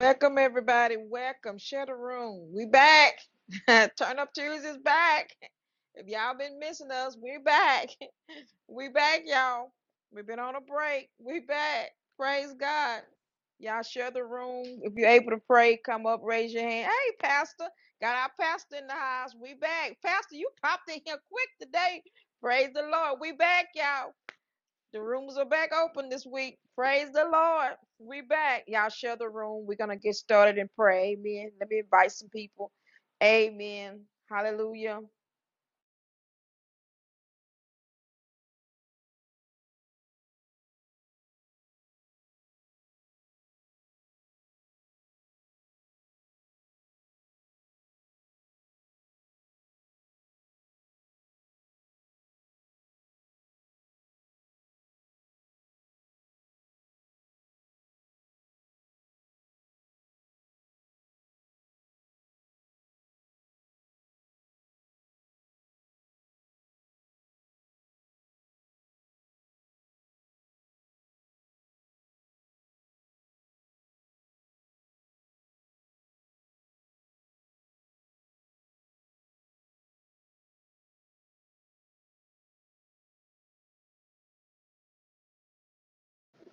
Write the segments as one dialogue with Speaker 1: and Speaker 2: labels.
Speaker 1: Welcome everybody. Welcome. Share the room. We back. Turn up Tuesdays back. If y'all been missing us, we back. We back, y'all. We've been on a break. We back. Praise God. Y'all share the room. If you're able to pray, come up, raise your hand. Hey, Pastor. Got our pastor in the house. We back. Pastor, you popped in here quick today. Praise the Lord. We back, y'all. The rooms are back open this week. Praise the Lord. We back. Y'all share the room. We're gonna get started and pray. Amen. Let me invite some people. Amen. Hallelujah.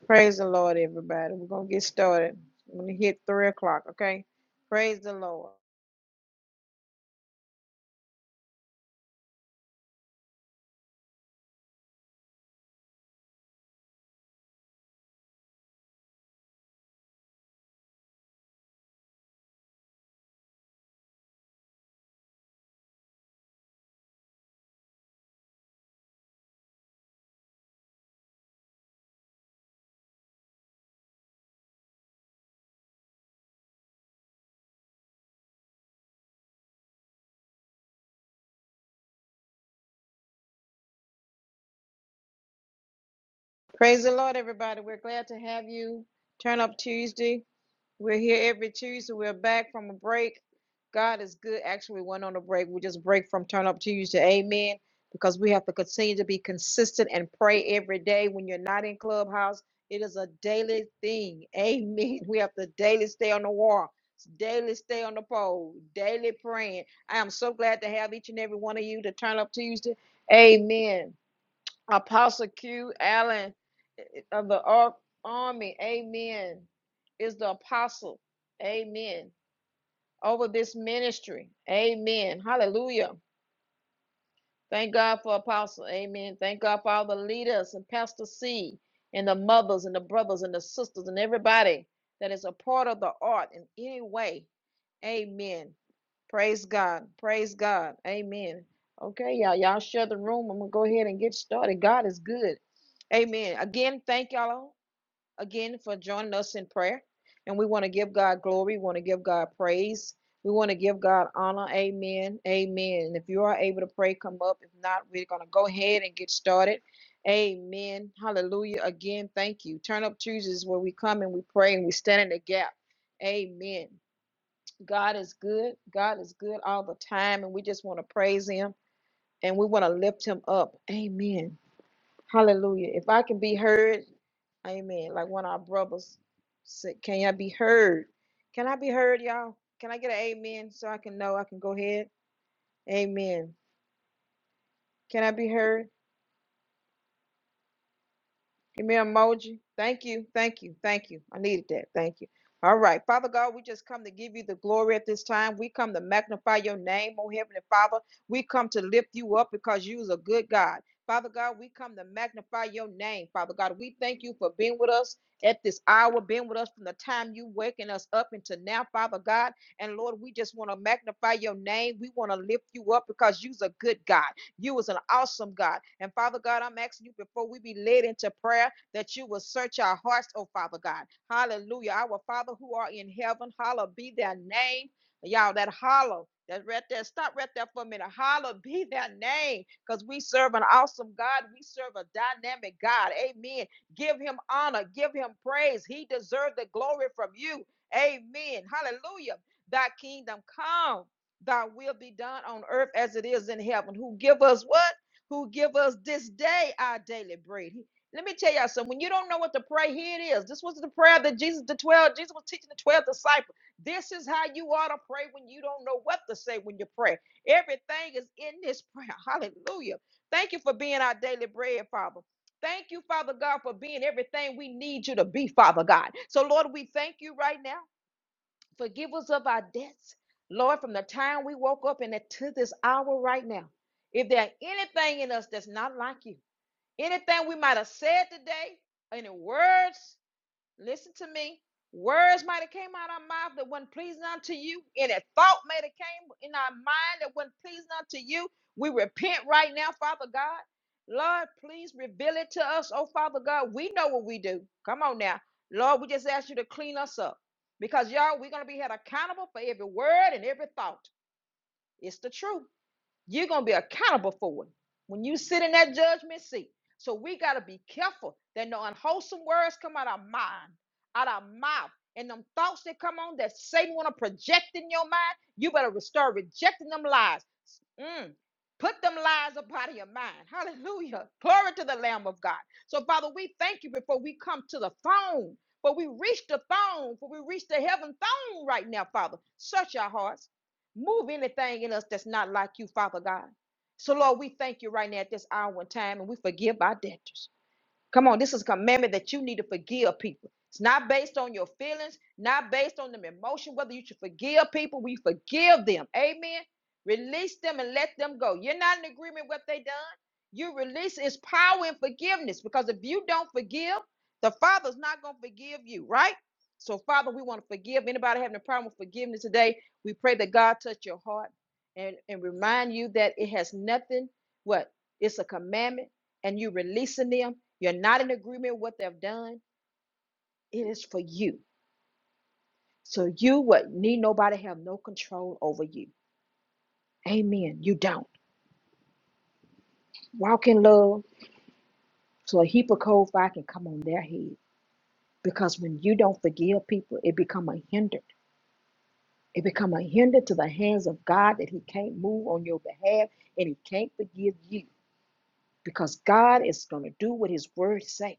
Speaker 1: Praise the Lord, everybody. We're gonna get started. I'm gonna hit three o'clock, okay? Praise the Lord. Praise the Lord, everybody. We're glad to have you. Turn up Tuesday. We're here every Tuesday. We're back from a break. God is good. Actually, we went on a break. We just break from Turn Up Tuesday. Amen. Because we have to continue to be consistent and pray every day. When you're not in Clubhouse, it is a daily thing. Amen. We have to daily stay on the wall, daily stay on the pole, daily praying. I am so glad to have each and every one of you to Turn Up Tuesday. Amen. Apostle Q, Allen of the ar- army, amen, is the apostle, amen, over this ministry, amen, hallelujah. Thank God for apostle, amen. Thank God for all the leaders and Pastor C and the mothers and the brothers and the sisters and everybody that is a part of the art in any way, amen. Praise God, praise God, amen. Okay, y'all, y'all share the room. I'm gonna go ahead and get started. God is good. Amen. Again, thank y'all again for joining us in prayer. And we want to give God glory. We want to give God praise. We want to give God honor. Amen. Amen. And if you are able to pray, come up. If not, we're going to go ahead and get started. Amen. Hallelujah. Again, thank you. Turn up Tuesdays where we come and we pray and we stand in the gap. Amen. God is good. God is good all the time. And we just want to praise Him and we want to lift Him up. Amen. Hallelujah. If I can be heard, amen. Like one of our brothers said, can y'all be heard? Can I be heard, y'all? Can I get an amen so I can know I can go ahead? Amen. Can I be heard? Give me an emoji. Thank you. Thank you. Thank you. I needed that. Thank you. All right. Father God, we just come to give you the glory at this time. We come to magnify your name, oh Heavenly Father. We come to lift you up because you is a good God. Father God, we come to magnify your name. Father God, we thank you for being with us at this hour, being with us from the time you waking us up until now, Father God. And Lord, we just want to magnify your name. We want to lift you up because you's a good God. You is an awesome God. And Father God, I'm asking you before we be led into prayer that you will search our hearts, oh Father God. Hallelujah. Our Father who are in heaven, hallowed be thy name. Y'all, that hollow. That right there, stop right there for a minute. Holler, be thy name, because we serve an awesome God. We serve a dynamic God. Amen. Give him honor, give him praise. He deserves the glory from you. Amen. Hallelujah. Thy kingdom come thy will be done on earth as it is in heaven. Who give us what? Who give us this day our daily bread. Let me tell y'all something. When you don't know what to pray, here it is. This was the prayer that Jesus, the 12, Jesus was teaching the 12 disciples. This is how you ought to pray when you don't know what to say when you pray. Everything is in this prayer. Hallelujah. Thank you for being our daily bread, Father. Thank you, Father God, for being everything we need you to be, Father God. So, Lord, we thank you right now. Forgive us of our debts, Lord, from the time we woke up and to this hour right now. If there anything in us that's not like you, anything we might have said today, any words, Listen to me. Words might have came out of our mouth that wasn't pleasing unto you. Any thought might have came in our mind that wasn't pleasing unto you. We repent right now, Father God. Lord, please reveal it to us. Oh, Father God, we know what we do. Come on now. Lord, we just ask you to clean us up. Because y'all, we're gonna be held accountable for every word and every thought. It's the truth. You're going to be accountable for it when you sit in that judgment seat. So we got to be careful that no unwholesome words come out our mind, out our mouth, and them thoughts that come on that Satan want to project in your mind. You better start rejecting them lies. Mm. Put them lies up out of your mind. Hallelujah. Glory to the Lamb of God. So, Father, we thank you before we come to the throne. For we reach the throne, for we reach the heaven throne right now, Father. Search our hearts. Move anything in us that's not like you, Father God. So, Lord, we thank you right now at this hour and time, and we forgive our debtors. Come on, this is a commandment that you need to forgive people. It's not based on your feelings, not based on them emotion, whether you should forgive people, we forgive them. Amen. Release them and let them go. You're not in agreement with what they done. You release is power in forgiveness because if you don't forgive, the Father's not going to forgive you, right? So, Father, we want to forgive. Anybody having a problem with forgiveness today, we pray that God touch your heart and, and remind you that it has nothing, what? It's a commandment and you releasing them, you're not in agreement with what they've done, it is for you. So you would need nobody have no control over you. Amen. You don't. Walk in love so a heap of cold fire can come on their head. Because when you don't forgive people, it become a hinder. It become a hinder to the hands of God that he can't move on your behalf and he can't forgive you. Because God is going to do what his word say.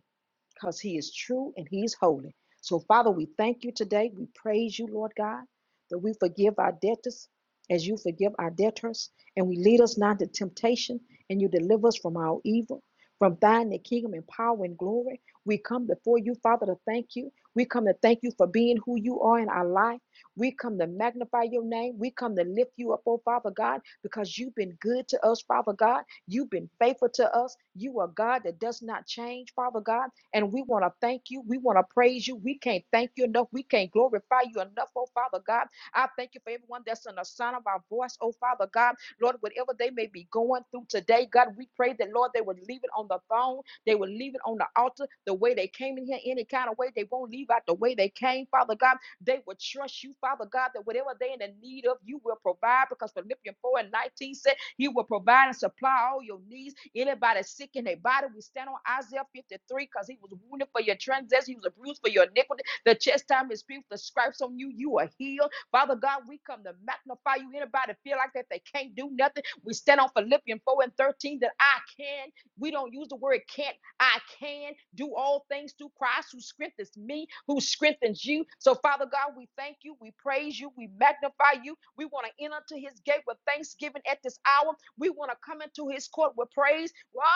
Speaker 1: because he is true and he's holy. So, Father, we thank you today. We praise you, Lord God, that we forgive our debtors as you forgive our debtors, and we lead us not to temptation, and you deliver us from our evil. From thine the kingdom and power and glory. We come before you, Father, to thank you. We come to thank you for being who you are in our life. We come to magnify your name. We come to lift you up, oh Father God, because you've been good to us, Father God. You've been faithful to us. You are God that does not change, Father God. And we want to thank you. We want to praise you. We can't thank you enough. We can't glorify you enough, oh Father God. I thank you for everyone that's in the sound of our voice, oh Father God. Lord, whatever they may be going through today, God, we pray that, Lord, they would leave it on the throne. They would leave it on the altar the way they came in here, any kind of way. They won't leave out the way they came, Father God. They would trust you, Father God, that whatever they in the need of, you will provide because Philippians 4 and 19 said, he will provide and supply all your needs. Anybody sick in their body, we stand on Isaiah 53 because he was wounded for your transgressions, he was bruised for your iniquity. The chastisement is pierced, the stripes on you, you are healed. Father God, we come to magnify you. Anybody feel like that they can't do nothing? We stand on Philippians 4 and 13 that I can. We don't use the word can't. I can do all things through Christ who strengthens me, who strengthens you. So, Father God, we thank you, we praise you, we magnify you. We want to enter to his gate with thanksgiving at this hour. We want to come into his court with praise. Wow.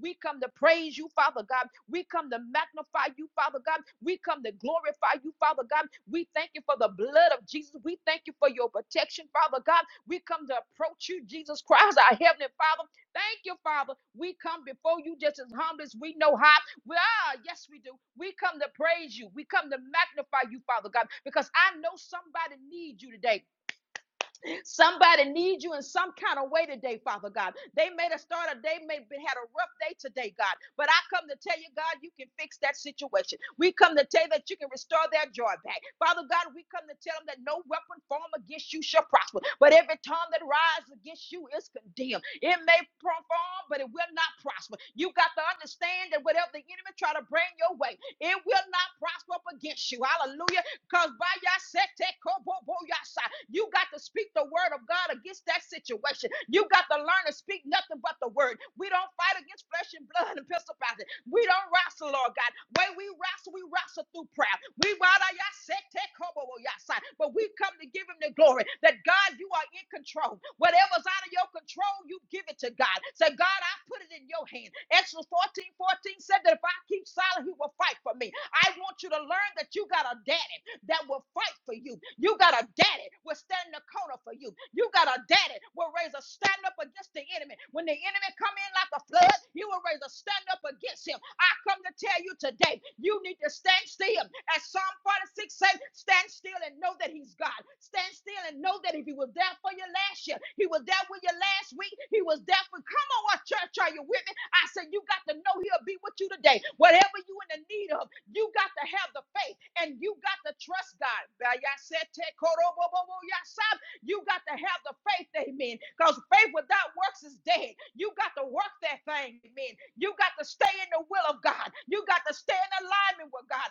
Speaker 1: We come to praise you, Father God. We come to magnify you, Father God. We come to glorify you, Father God. We thank you for the blood of Jesus. We thank you for your protection, Father God. We come to approach you, Jesus Christ, our heavenly Father. Thank you, Father. We come before you just as humble as we know how. We are, yes, we do. We come to praise you. We come to magnify you, Father God, because I know somebody needs you today. Somebody needs you in some kind of way today, Father God. They may have started, they may have had a rough day today, God. But I come to tell you, God, you can fix that situation. We come to tell you that you can restore their joy back. Father God, we come to tell them that no weapon formed against you shall prosper. But every tongue that rises against you is condemned. It may perform, but it will not prosper. You got to understand that whatever the enemy try to bring your way, it will not prosper up against you. Hallelujah. Because by your sete kobo bo yasa, you got to speak the word of God against that situation. You got to learn to speak nothing but the word. We don't fight against flesh and blood and principalities. We don't wrestle, Lord God. When we wrestle, we wrestle through prayer. We wada ya sete kobo bo yasa, but we come to give him the glory that God, you are in control. Whatever's out of your control, you give it to God. Say, God, I put it in your hand. Exodus 14:14 said that if I keep silent, he will fight for me. I want you to learn that you got a dad that will fight for you. You got a daddy will stand in the corner for you. You got a daddy will raise a stand up against the enemy. When the enemy come in like a flood, you will raise a stand up against him. I come to tell you today, you need to stand still. As Psalm 46 says, stand still and know that he's God. Stand still and know that if he was there for you last year, he was there with you last week, he was there for, come on, what church are you with me? I said, you got to know he'll be with you today. Whatever you in the need of, you got to have the faith and you got to trust God. You got to have the faith, amen. Because faith without works is dead. You got to work that thing, amen. You got to stay in the will of God. You got to stay in alignment with God.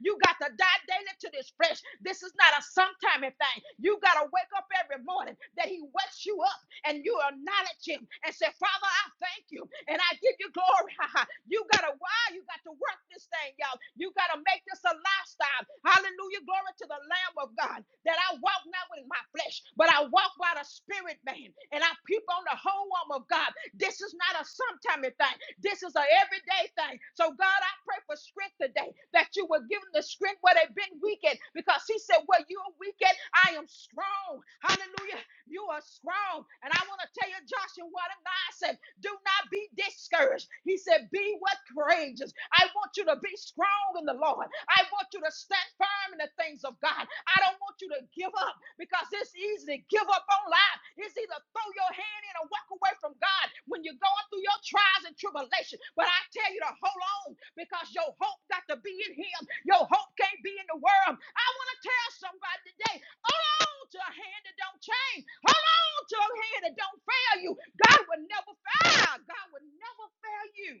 Speaker 1: You got to die daily to this flesh. This is not a sometime thing. You got to wake up every morning that He wakes you up and you acknowledge him and say, Father, I thank you and I give you glory. you got to, wow, you got to work this thing, y'all. You got to make this a lifestyle. Hallelujah. Glory to the Lamb of God that I walk not with my flesh, but I walk by the Spirit, man. And I peep on the whole arm of God. This is not a sometime thing. This is an everyday thing. So, God, I pray for strength today that you will give them the strength where they've been weakened because He said, Where you're weakened, I am strong. Hallelujah. You are strong. And I want to tell you, Joshua, what God said, do not be discouraged. He said, be what courageous. I want you to be strong in the Lord. I want you to stand firm in the things of God. I don't want you to give up because it's easy to give up on life. It's either throw your hand in or walk away from God when you're going through your trials and tribulation. But I tell you to hold on because your hope got to be in Him. Your hope can't be in the world. I want to tell somebody today Hold on to a hand that don't change. Hold on to a hand that don't fail you. God will never fail. Ah, God will never fail you.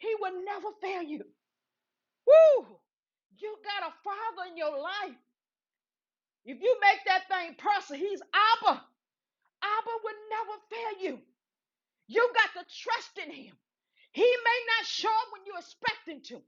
Speaker 1: He will never fail you. Woo! You got a father in your life. If you make that thing personal, he's Abba. Abba will never fail you. You got to trust in him. He may not show up when you expect him to,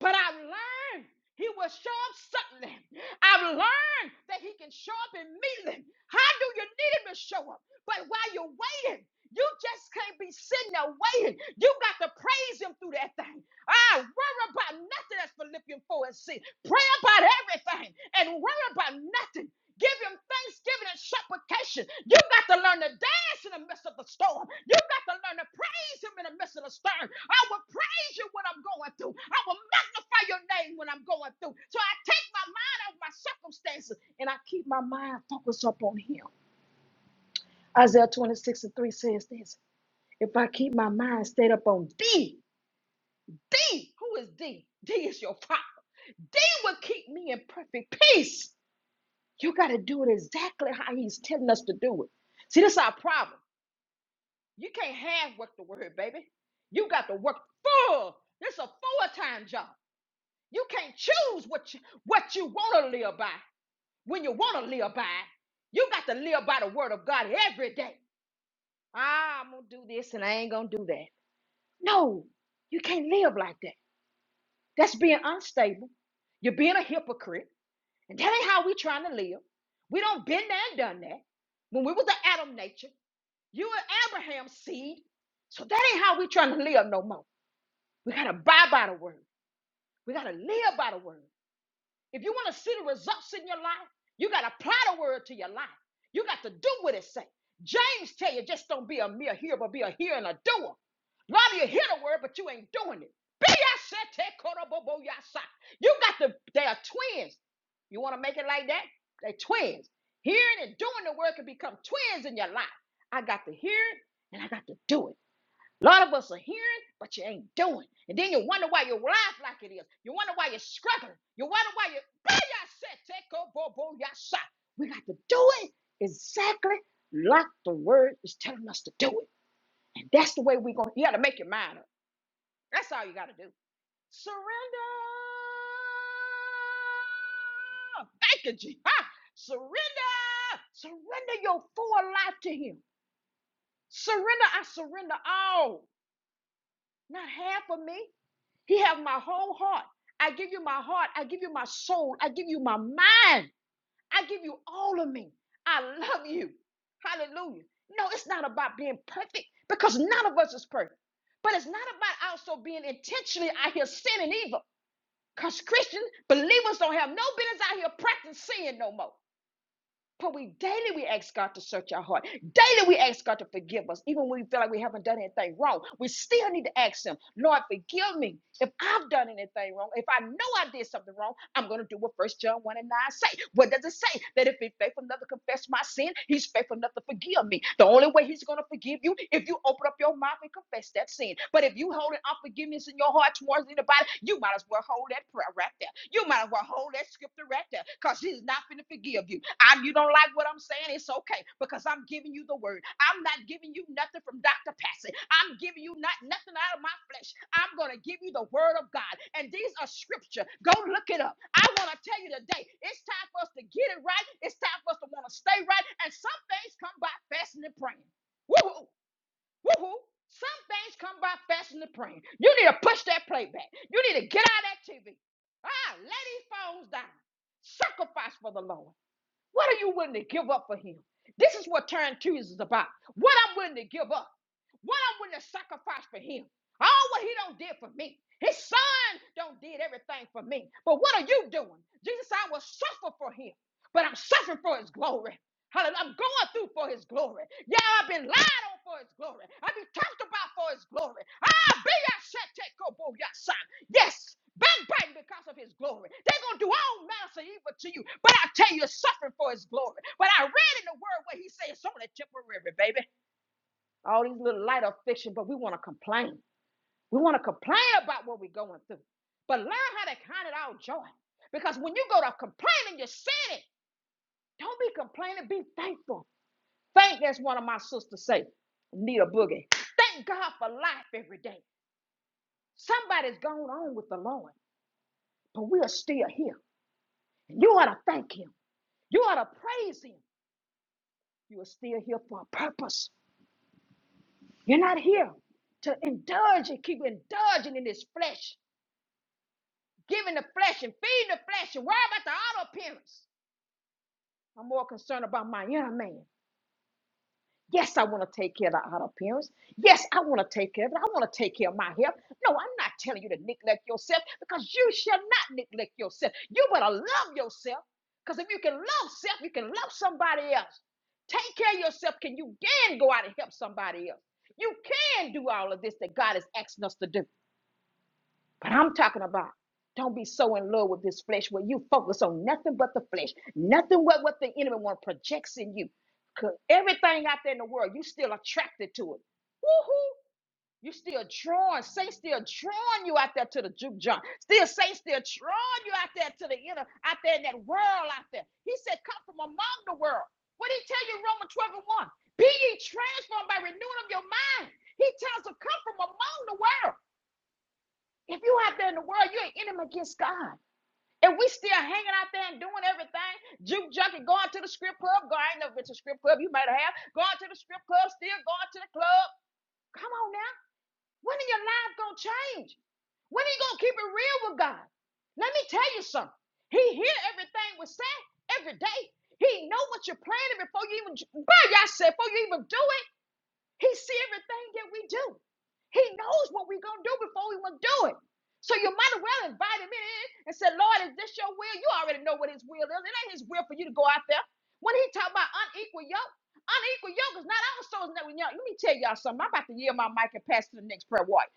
Speaker 1: but I've learned he will show up suddenly. I've learned that he can show up immediately. How do you need him to show up? But while you're waiting, you just can't be sitting there waiting. You got to praise him through that thing. I worry about nothing that's Philippians 4 and 6. Pray about everything and worry about nothing. Give him thanksgiving and supplication. You've got to learn to dance in the midst of the storm. You've got to learn to praise him in the midst of the storm. I will praise you when I'm going through. I will magnify your name when I'm going through. So I take my mind off my circumstances and I keep my mind focused up on him. Isaiah 26 and 3 says this. If I keep my mind stayed up on D, D, who is D? D is your father. D will keep me in perfect peace You got to do it exactly how he's telling us to do it. See, this is our problem. You can't half work the word, baby. You got to work full. This is a full-time job. You can't choose what you, what you want to live by when you want to live by. it. You got to live by the word of God every day. Ah, I'm going to do this and I ain't going to do that. No, you can't live like that. That's being unstable. You're being a hypocrite. And that ain't how we trying to live. We don't been there and done that when we was the Adam nature. You are Abraham's seed. So that ain't how we trying to live no more. We gotta buy by the word. We gotta live by the word. If you want to see the results in your life, you got to apply the word to your life. You got to do what it say. James tell you, just don't be a mere hearer, but be a hearer and a doer. A lot of you hear the word, but you ain't doing it. You got to, they are twins. You want to make it like that? They twins. Hearing and doing the word can become twins in your life. I got to hear it and I got to do it. A lot of us are hearing, but you ain't doing. And then you wonder why your life like it is. You wonder why you're struggling. You wonder why you. We got to do it exactly like the word is telling us to do it. And that's the way we're going to. You got to make your mind up. That's all you got to do. Surrender. Thank you, Jesus. Ah, Surrender. Surrender your full life to Him. Surrender. I surrender all. Not half of me. He have my whole heart. I give you my heart. I give you my soul. I give you my mind. I give you all of me. I love you. Hallelujah. No, it's not about being perfect because none of us is perfect. But it's not about also being intentionally out here sinning either. Because Christian believers don't have no business out here practicing sin no more. But we daily we ask God to search our heart. Daily we ask God to forgive us, even when we feel like we haven't done anything wrong. We still need to ask Him, Lord, forgive me if I've done anything wrong. If I know I did something wrong, I'm going to do what First John one and nine say. What does it say? That if in faithful enough to confess my sin, he's faithful enough to forgive me. The only way he's going to forgive you if you open up your mouth and confess that sin. But if you holding unforgiveness in your heart towards anybody, you might as well hold that prayer right there. You might as well hold that scripture right there because he's not going to forgive you. I, you don't like what I'm saying? And it's okay because I'm giving you the word. I'm not giving you nothing from Dr. Passy. I'm giving you not nothing out of my flesh. I'm going to give you the word of God. And these are scripture. Go look it up. I want to tell you today, it's time for us to get it right. It's time for us to want to stay right. And some things come by fasting and praying. Woo-hoo. Woo-hoo. Some things come by fasting and praying. You need to push that playback. You need to get out of that TV. Ah, lay these phones down. Sacrifice for the Lord. What are you willing to give up for him? This is what turn Tuesday is about. What I'm willing to give up. What I'm willing to sacrifice for him. All what he don't did for me. His son don't did everything for me. But what are you doing? Jesus, said, I will suffer for him. But I'm suffering for his glory. Hallelujah. I'm going through for his glory. Yeah, I've been lied on for his glory. I've been talked about for his glory. I'll be Yes, backbiting because of his glory. They're going to do all manner of evil to you. But I tell you, it's suffering for his glory. But I read in the word where he says it's only temporary, baby. All these little light affliction, but we want to complain. We want to complain about what we're going through. But learn how to count it all joy. Because when you go to complaining, you're sinning. Don't be complaining, be thankful. Thank, as one of my sisters say, Nita Boogie. Thank God for life every day. Somebody's gone on with the Lord, but we are still here. You ought to thank him. You ought to praise him. You are still here for a purpose. You're not here to indulge and keep indulging in this flesh, giving the flesh and feeding the flesh and worry about the outer appearance. I'm more concerned about my inner man. Yes, I want to take care of the outer appearance. Yes, I want to take care of it. I want to take care of my health. No, I'm not telling you to neglect yourself because you shall not neglect yourself. You better love yourself because if you can love self, you can love somebody else. Take care of yourself. Can you can go out and help somebody else? You can do all of this that God is asking us to do. But I'm talking about don't be so in love with this flesh where you focus on nothing but the flesh, nothing but what the enemy wants projects in you. 'Cause everything out there in the world, you still attracted to it. Woohoo! You still drawing, Satan still drawing you out there to the juke joint. Still Satan still drawing you out there to the inner, out there in that world out there. He said, come from among the world. What did he tell you in Romans 12 and 1? Be ye transformed by renewing of your mind. He tells us, come from among the world. If you out there in the world, you're an enemy against God. And we still hanging out there and doing everything, juke junkie, going to the strip club. Go, I ain't never been to a strip club. You might have going to the strip club, still going to the club. Come on now, when are your life gonna change? When are you gonna keep it real with God? Let me tell you something. He hear everything we say every day. He know what you're planning before you even, by yourself, before you even do it. He see everything that we do. He knows what we're gonna do before we wanna do it. So you might as well invite him in and say, Lord, is this your will? You already know what his will is. It ain't his will for you to go out there. When he talk about unequal yoke, unequal yoke is not our souls. Let me tell y'all something. I'm about to yield my mic and pass to the next prayer warrior.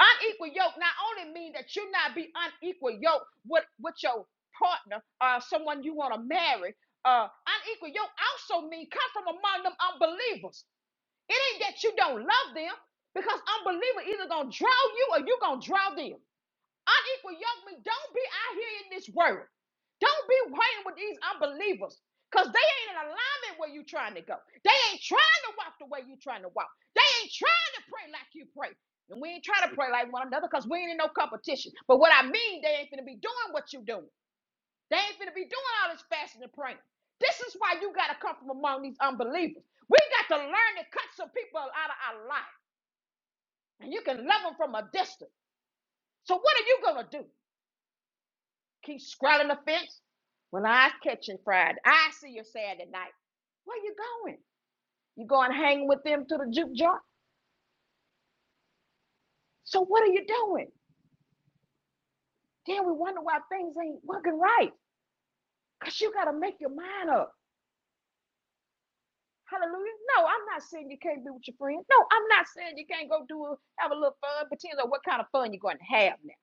Speaker 1: Unequal yoke not only mean that you not be unequal yoke with, with your partner or someone you want to marry. Uh, unequal yoke also mean come from among them unbelievers. It ain't that you don't love them because unbeliever either gonna draw you or you gonna draw them. Unequal young men, don't be out here in this world. Don't be playing with these unbelievers because they ain't in alignment where you trying to go. They ain't trying to walk the way you trying to walk. They ain't trying to pray like you pray. And we ain't trying to pray like one another because we ain't in no competition. But what I mean, they ain't gonna be doing what you doing. They ain't finna be doing all this fasting and praying. This is why you gotta come from among these unbelievers. We got to learn to cut some people out of our life, and you can love them from a distance. So what are you gonna do? Keep straddling the fence? When I catch you Friday, I see you Saturday night. Where you going? You going hanging with them to the juke joint? So what are you doing? Then we wonder why things ain't working right, cause you gotta make your mind up. Hallelujah. No, I'm not saying you can't be with your friends. No, I'm not saying you can't go do a, have a little fun. Depends on what kind of fun you're going to have now.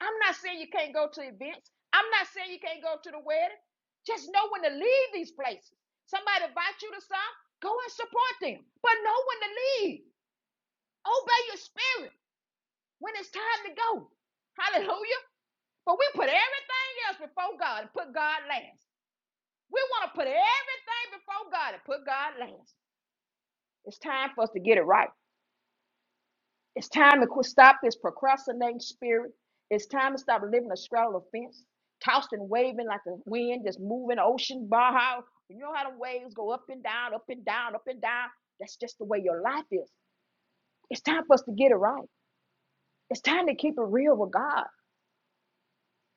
Speaker 1: I'm not saying you can't go to events. I'm not saying you can't go to the wedding. Just know when to leave these places. Somebody invite you to something, go and support them. But know when to leave. Obey your spirit when it's time to go. Hallelujah. But we put everything else before God and put God last. We want to put everything before God and put God last. It's time for us to get it right. It's time to quit, stop this procrastinating spirit. It's time to stop living a straddle of fence, tossed and waving like the wind, just moving ocean. Baja. You know how the waves go up and down, up and down, up and down. That's just the way your life is. It's time for us to get it right. It's time to keep it real with God.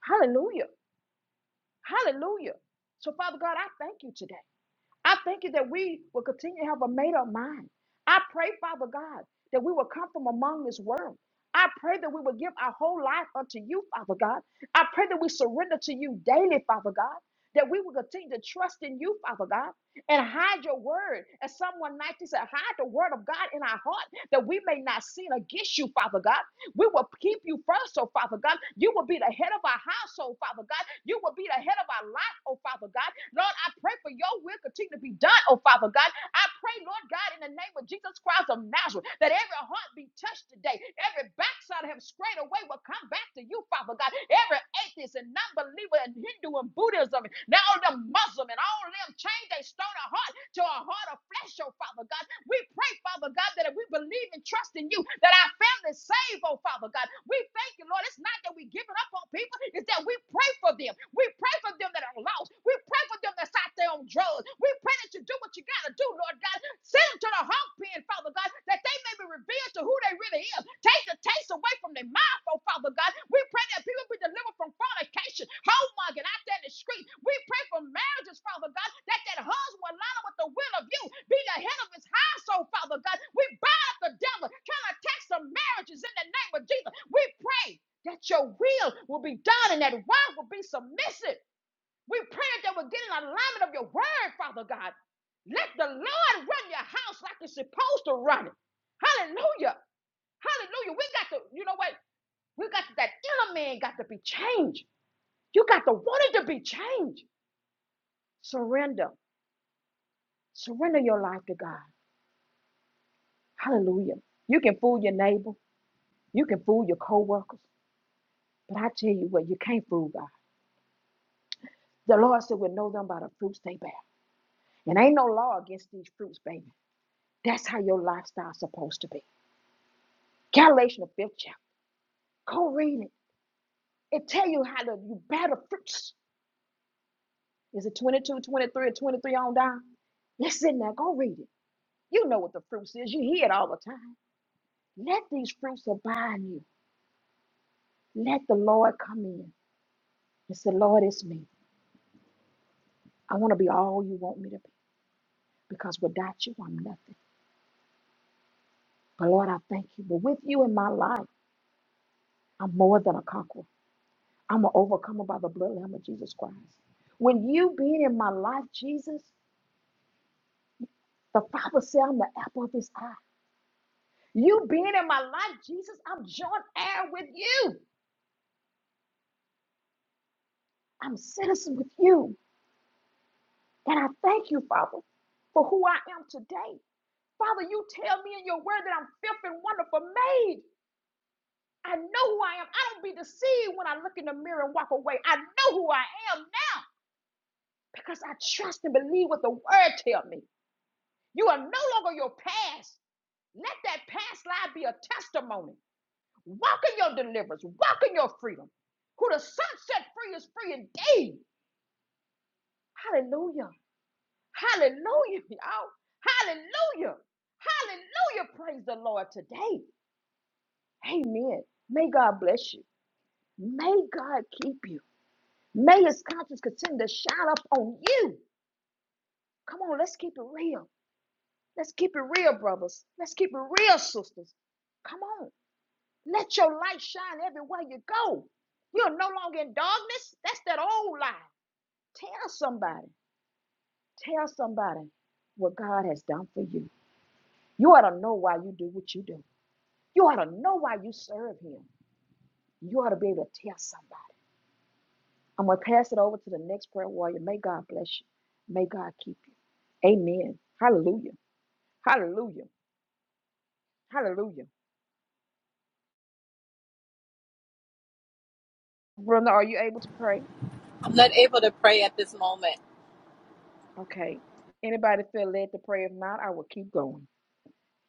Speaker 1: Hallelujah. Hallelujah. So, Father God, I thank you today. I thank you that we will continue to have a made up mind. I pray, Father God, that we will come from among this world. I pray that we will give our whole life unto you, Father God. I pray that we surrender to you daily, Father God, that we will continue to trust in you, Father God, and hide your word. As someone 19 said, hide the word of God in our heart that we may not sin against you, Father God. We will keep you first, oh Father God. You will be the head of our household, Father God. You will be the head of our life, oh Father God. Lord, I pray for your will continue to be done, oh Father God. I pray, Lord God, in the name of Jesus Christ of Nazareth, that every heart be touched today. Every backside of him straight away will come back to you, Father God. Every atheist and non-believer and Hindu and Buddhism, and now them Muslim and all them change their stone of heart to a heart of flesh, oh Father God. We pray, Father God, that if we believe and trust in you, that our family is saved, oh Father God. We thank you, Lord. It's not that we give it up on people, it's that we pray for them. We pray for them that are lost. We pray for them that's out there on drugs. We pray that you do what you gotta do, Lord God. Send them to the hog pen, Father God, that they may be revealed to who they really is. Take the taste away from their mouth oh Father God. We pray that people be delivered from fornication, homemugging out there in the street. We pray for marriages, Father God, that that husband will line up with the will of you, be the head of his household, Father God. We bind the devil, trying to attack some marriages in the name of Jesus. We pray that your will will be done and that wife will be submissive. We pray that they will get in alignment of your word, Father God. Let the Lord run your house like it's supposed to run it. Hallelujah. Hallelujah. We got to, you know what? We got that inner man got to be changed. You got to want it to be changed. Surrender. Surrender your life to God. Hallelujah. You can fool your neighbor. You can fool your coworkers. But I tell you what, you can't fool God. The Lord said, "We know them by the fruits they bear." And ain't no law against these fruits, baby. That's how your lifestyle's supposed to be. Galatians the fifth chapter. Go read it. It tell you how to you bear the fruits. Is it 22, 23, or 23 on down? It's in there. Go read it. You know what the fruits is. You hear it all the time. Let these fruits abide in you. Let the Lord come in and say, Lord, it's me. I want to be all you want me to be because without you, I'm nothing. But Lord, I thank you. But with you in my life, I'm more than a conqueror. I'm an overcomer by the blood lamb of Jesus Christ. When you being in my life, Jesus, the Father said, I'm the apple of his eye. You being in my life, Jesus, I'm joint heir with you. I'm citizen with you. And I thank you, Father, for who I am today. Father, you tell me in your word that I'm fifth and wonderful made. I know who I am. I don't be deceived when I look in the mirror and walk away. I know who I am now because I trust and believe what the word tell me. You are no longer your past. Let that past life be a testimony. Walk in your deliverance. Walk in your freedom. Who the sun set free is free indeed. Hallelujah. Hallelujah, y'all. Hallelujah. Hallelujah. Praise the Lord today. Amen. May God bless you. May God keep you. May his conscience continue to shine up on you. Come on, let's keep it real. Let's keep it real, brothers. Let's keep it real, sisters. Come on. Let your light shine everywhere you go. You're no longer in darkness. That's that old lie. Tell somebody. Tell somebody what God has done for you. You ought to know why you do what you do. You ought to know why you serve him. You ought to be able to tell somebody. I'm going to pass it over to the next prayer warrior. May God bless you. May God keep you. Amen. Hallelujah. Hallelujah. Hallelujah. Brother, are you able to pray?
Speaker 2: I'm not able to pray at this moment.
Speaker 1: Okay. Anybody feel led to pray? If not, I will keep going.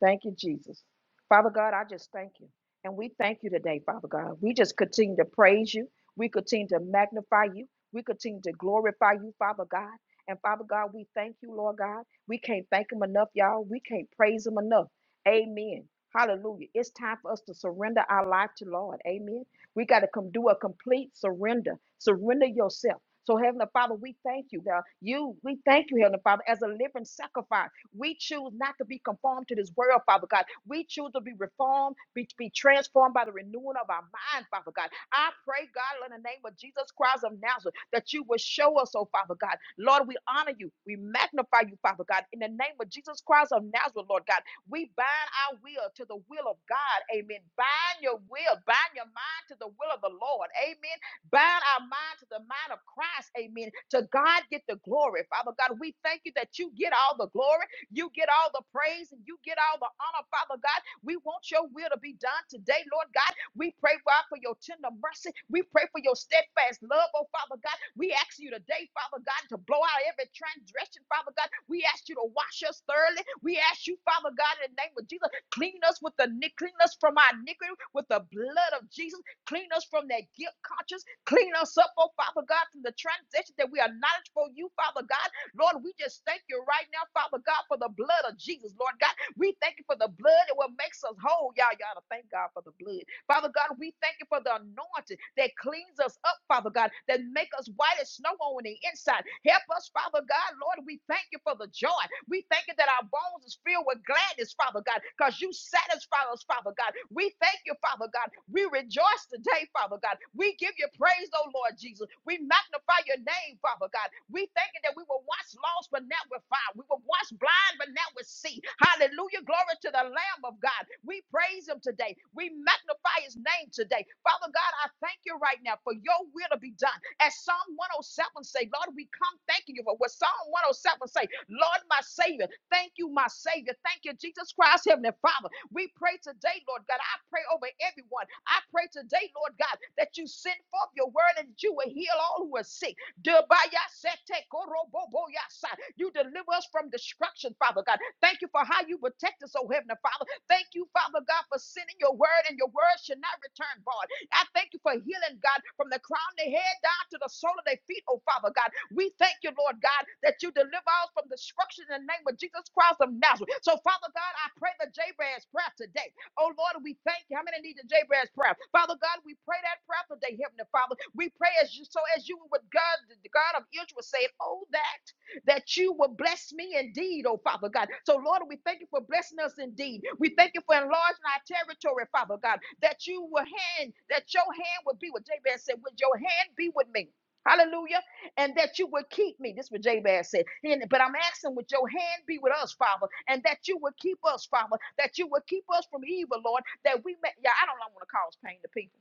Speaker 1: Thank you, Jesus. Father God, I just thank you. And we thank you today, Father God. We just continue to praise you. We continue to magnify you. We continue to glorify you, Father God. And Father God, we thank you, Lord God. We can't thank him enough, y'all. We can't praise him enough. Amen. Hallelujah. It's time for us to surrender our life to Lord. Amen. We got to come do a complete surrender. Surrender yourself. So, Heavenly Father, we thank you, God. You, we thank you, Heavenly Father, as a living sacrifice. We choose not to be conformed to this world, Father God. We choose to be reformed, be, be transformed by the renewing of our mind, Father God. I pray, God, in the name of Jesus Christ of Nazareth, that you will show us, oh Father God. Lord, we honor you. We magnify you, Father God. In the name of Jesus Christ of Nazareth, Lord God, we bind our will to the will of God. Amen. Bind your will, bind your mind to the will of the Lord. Amen. Bind our mind to the mind of Christ. Amen. To God get the glory. Father God, we thank you that you get all the glory. You get all the praise and you get all the honor, Father God. We want your will to be done today, Lord God. We pray, God, for your tender mercy. We pray for your steadfast love, oh Father God. We ask you today, Father God, to blow out every transgression, Father God. We ask you to wash us thoroughly. We ask you, Father God, in the name of Jesus, clean us with the ni- clean us from our iniquity with the blood of Jesus. Clean us from that guilt conscience. Clean us up, oh Father God, from the transgression that we are knowledge for you, Father God. Lord, we just thank you right now, Father God, for the blood of Jesus, Lord God. We thank you for the blood and what makes us whole. Y'all, y'all to thank God for the blood. Father God, we thank you for the anointing that cleans us up, Father God, that make us white as snow on the inside. Help us, Father God, Lord, we thank you for the joy. We thank you that our bones is filled with gladness, Father God, because you satisfy us, Father God. We thank you, Father God. We rejoice today, Father God. We give you praise, oh Lord Jesus. We magnify your name, Father God. We thank you that we were once lost, but now we're found. We were once blind, but now eye would see. Hallelujah. Glory to the Lamb of God. We praise him today. We magnify his name today. Father God, I thank you right now for your will to be done. As Psalm 107 say, Lord, we come thanking you for what Psalm 107 say. Lord, my Savior, thank you, my Savior. Thank you, Jesus Christ, Heavenly Father. We pray today, Lord God. I pray over everyone. I pray today, Lord God, that you send forth your word and that you will heal all who are sick. Debayasete koroboboyasa. You deliver us from destruction, Father God. Thank you for how you protect us, oh Heavenly Father. Thank you, Father God, for sending your word, and your word should not return void. I thank you for healing, God, from the crown of their head down to the sole of their feet, oh Father God. We thank you, Lord God, that you deliver us from destruction in the name of Jesus Christ of Nazareth. So, Father God, I pray the Jabez prayer today. Oh Lord, we thank you. How many need the Jabez prayer? Father God, we pray that prayer today, Heavenly Father. We pray as you so as you would God, the God of Israel said, Oh, that that you will bless me indeed, oh Father God. So, Lord, we thank you for blessing us indeed. We thank you for enlarging our territory, Father God, that you will hand, that your hand would be with Jabez said, Would your hand be with me? Hallelujah and that you would keep me. This is what Jabez said. And- but I'm asking, would your hand be with us, Father, and that you would keep us, Father, that you would keep us from evil, Lord, that we may. Yeah, I don't want to cause pain to people.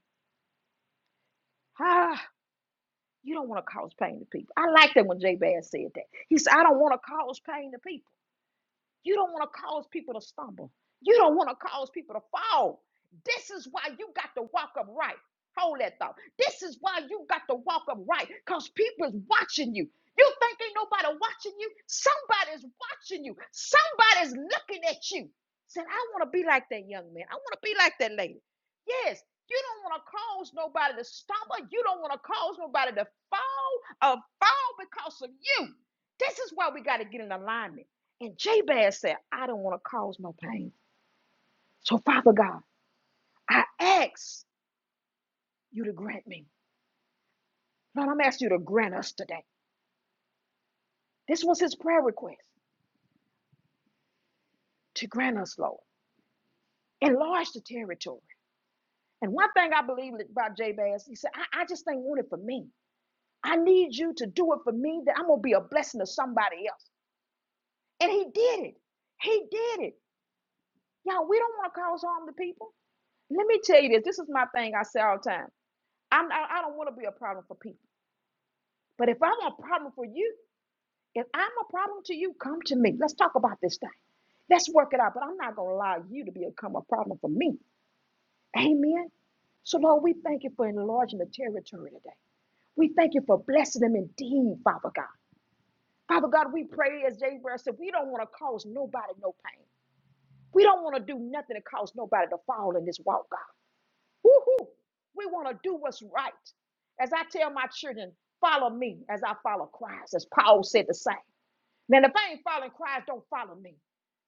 Speaker 1: Ah, you don't want to cause pain to people. I like that when Jabez said that. He said, I don't want to cause pain to people. You don't want to cause people to stumble. You don't want to cause people to fall. This is why you got to walk upright. Hold that thought. This is why you got to walk upright because people is watching you. You think ain't nobody watching you? Somebody's watching you. Somebody's looking at you. Said, I want to be like that young man. I want to be like that lady. Yes, you don't want to cause nobody to stumble. You don't want to cause nobody to fall or fall because of you. This is why we got to get in alignment. And Jabez said, I don't want to cause no pain. So, Father God, I ask you to grant me. Lord, I'm asking you to grant us today. This was his prayer request to grant us, Lord. Enlarge the territory. And one thing I believe about Jabez, he said, I, I just ain't want it for me. I need you to do it for me that I'm going to be a blessing to somebody else. And he did it. He did it. Y'all, we don't want to cause harm to people. Let me tell you this. This is my thing I say all the time. I'm, I, I don't want to be a problem for people. But if I'm a problem for you, If I'm a problem to you, come to me. Let's talk about this thing. Let's work it out. But I'm not going to allow you to become a problem for me. Amen. So, Lord, we thank you for enlarging the territory today. We thank you for blessing them indeed, Father God. Father God, we pray as Jabez said, we don't want to cause nobody no pain. We don't want to do nothing to cause nobody to fall in this walk, God. Woo-hoo. We want to do what's right. As I tell my children, follow me as I follow Christ, as Paul said the same. Now, if I ain't following Christ, don't follow me.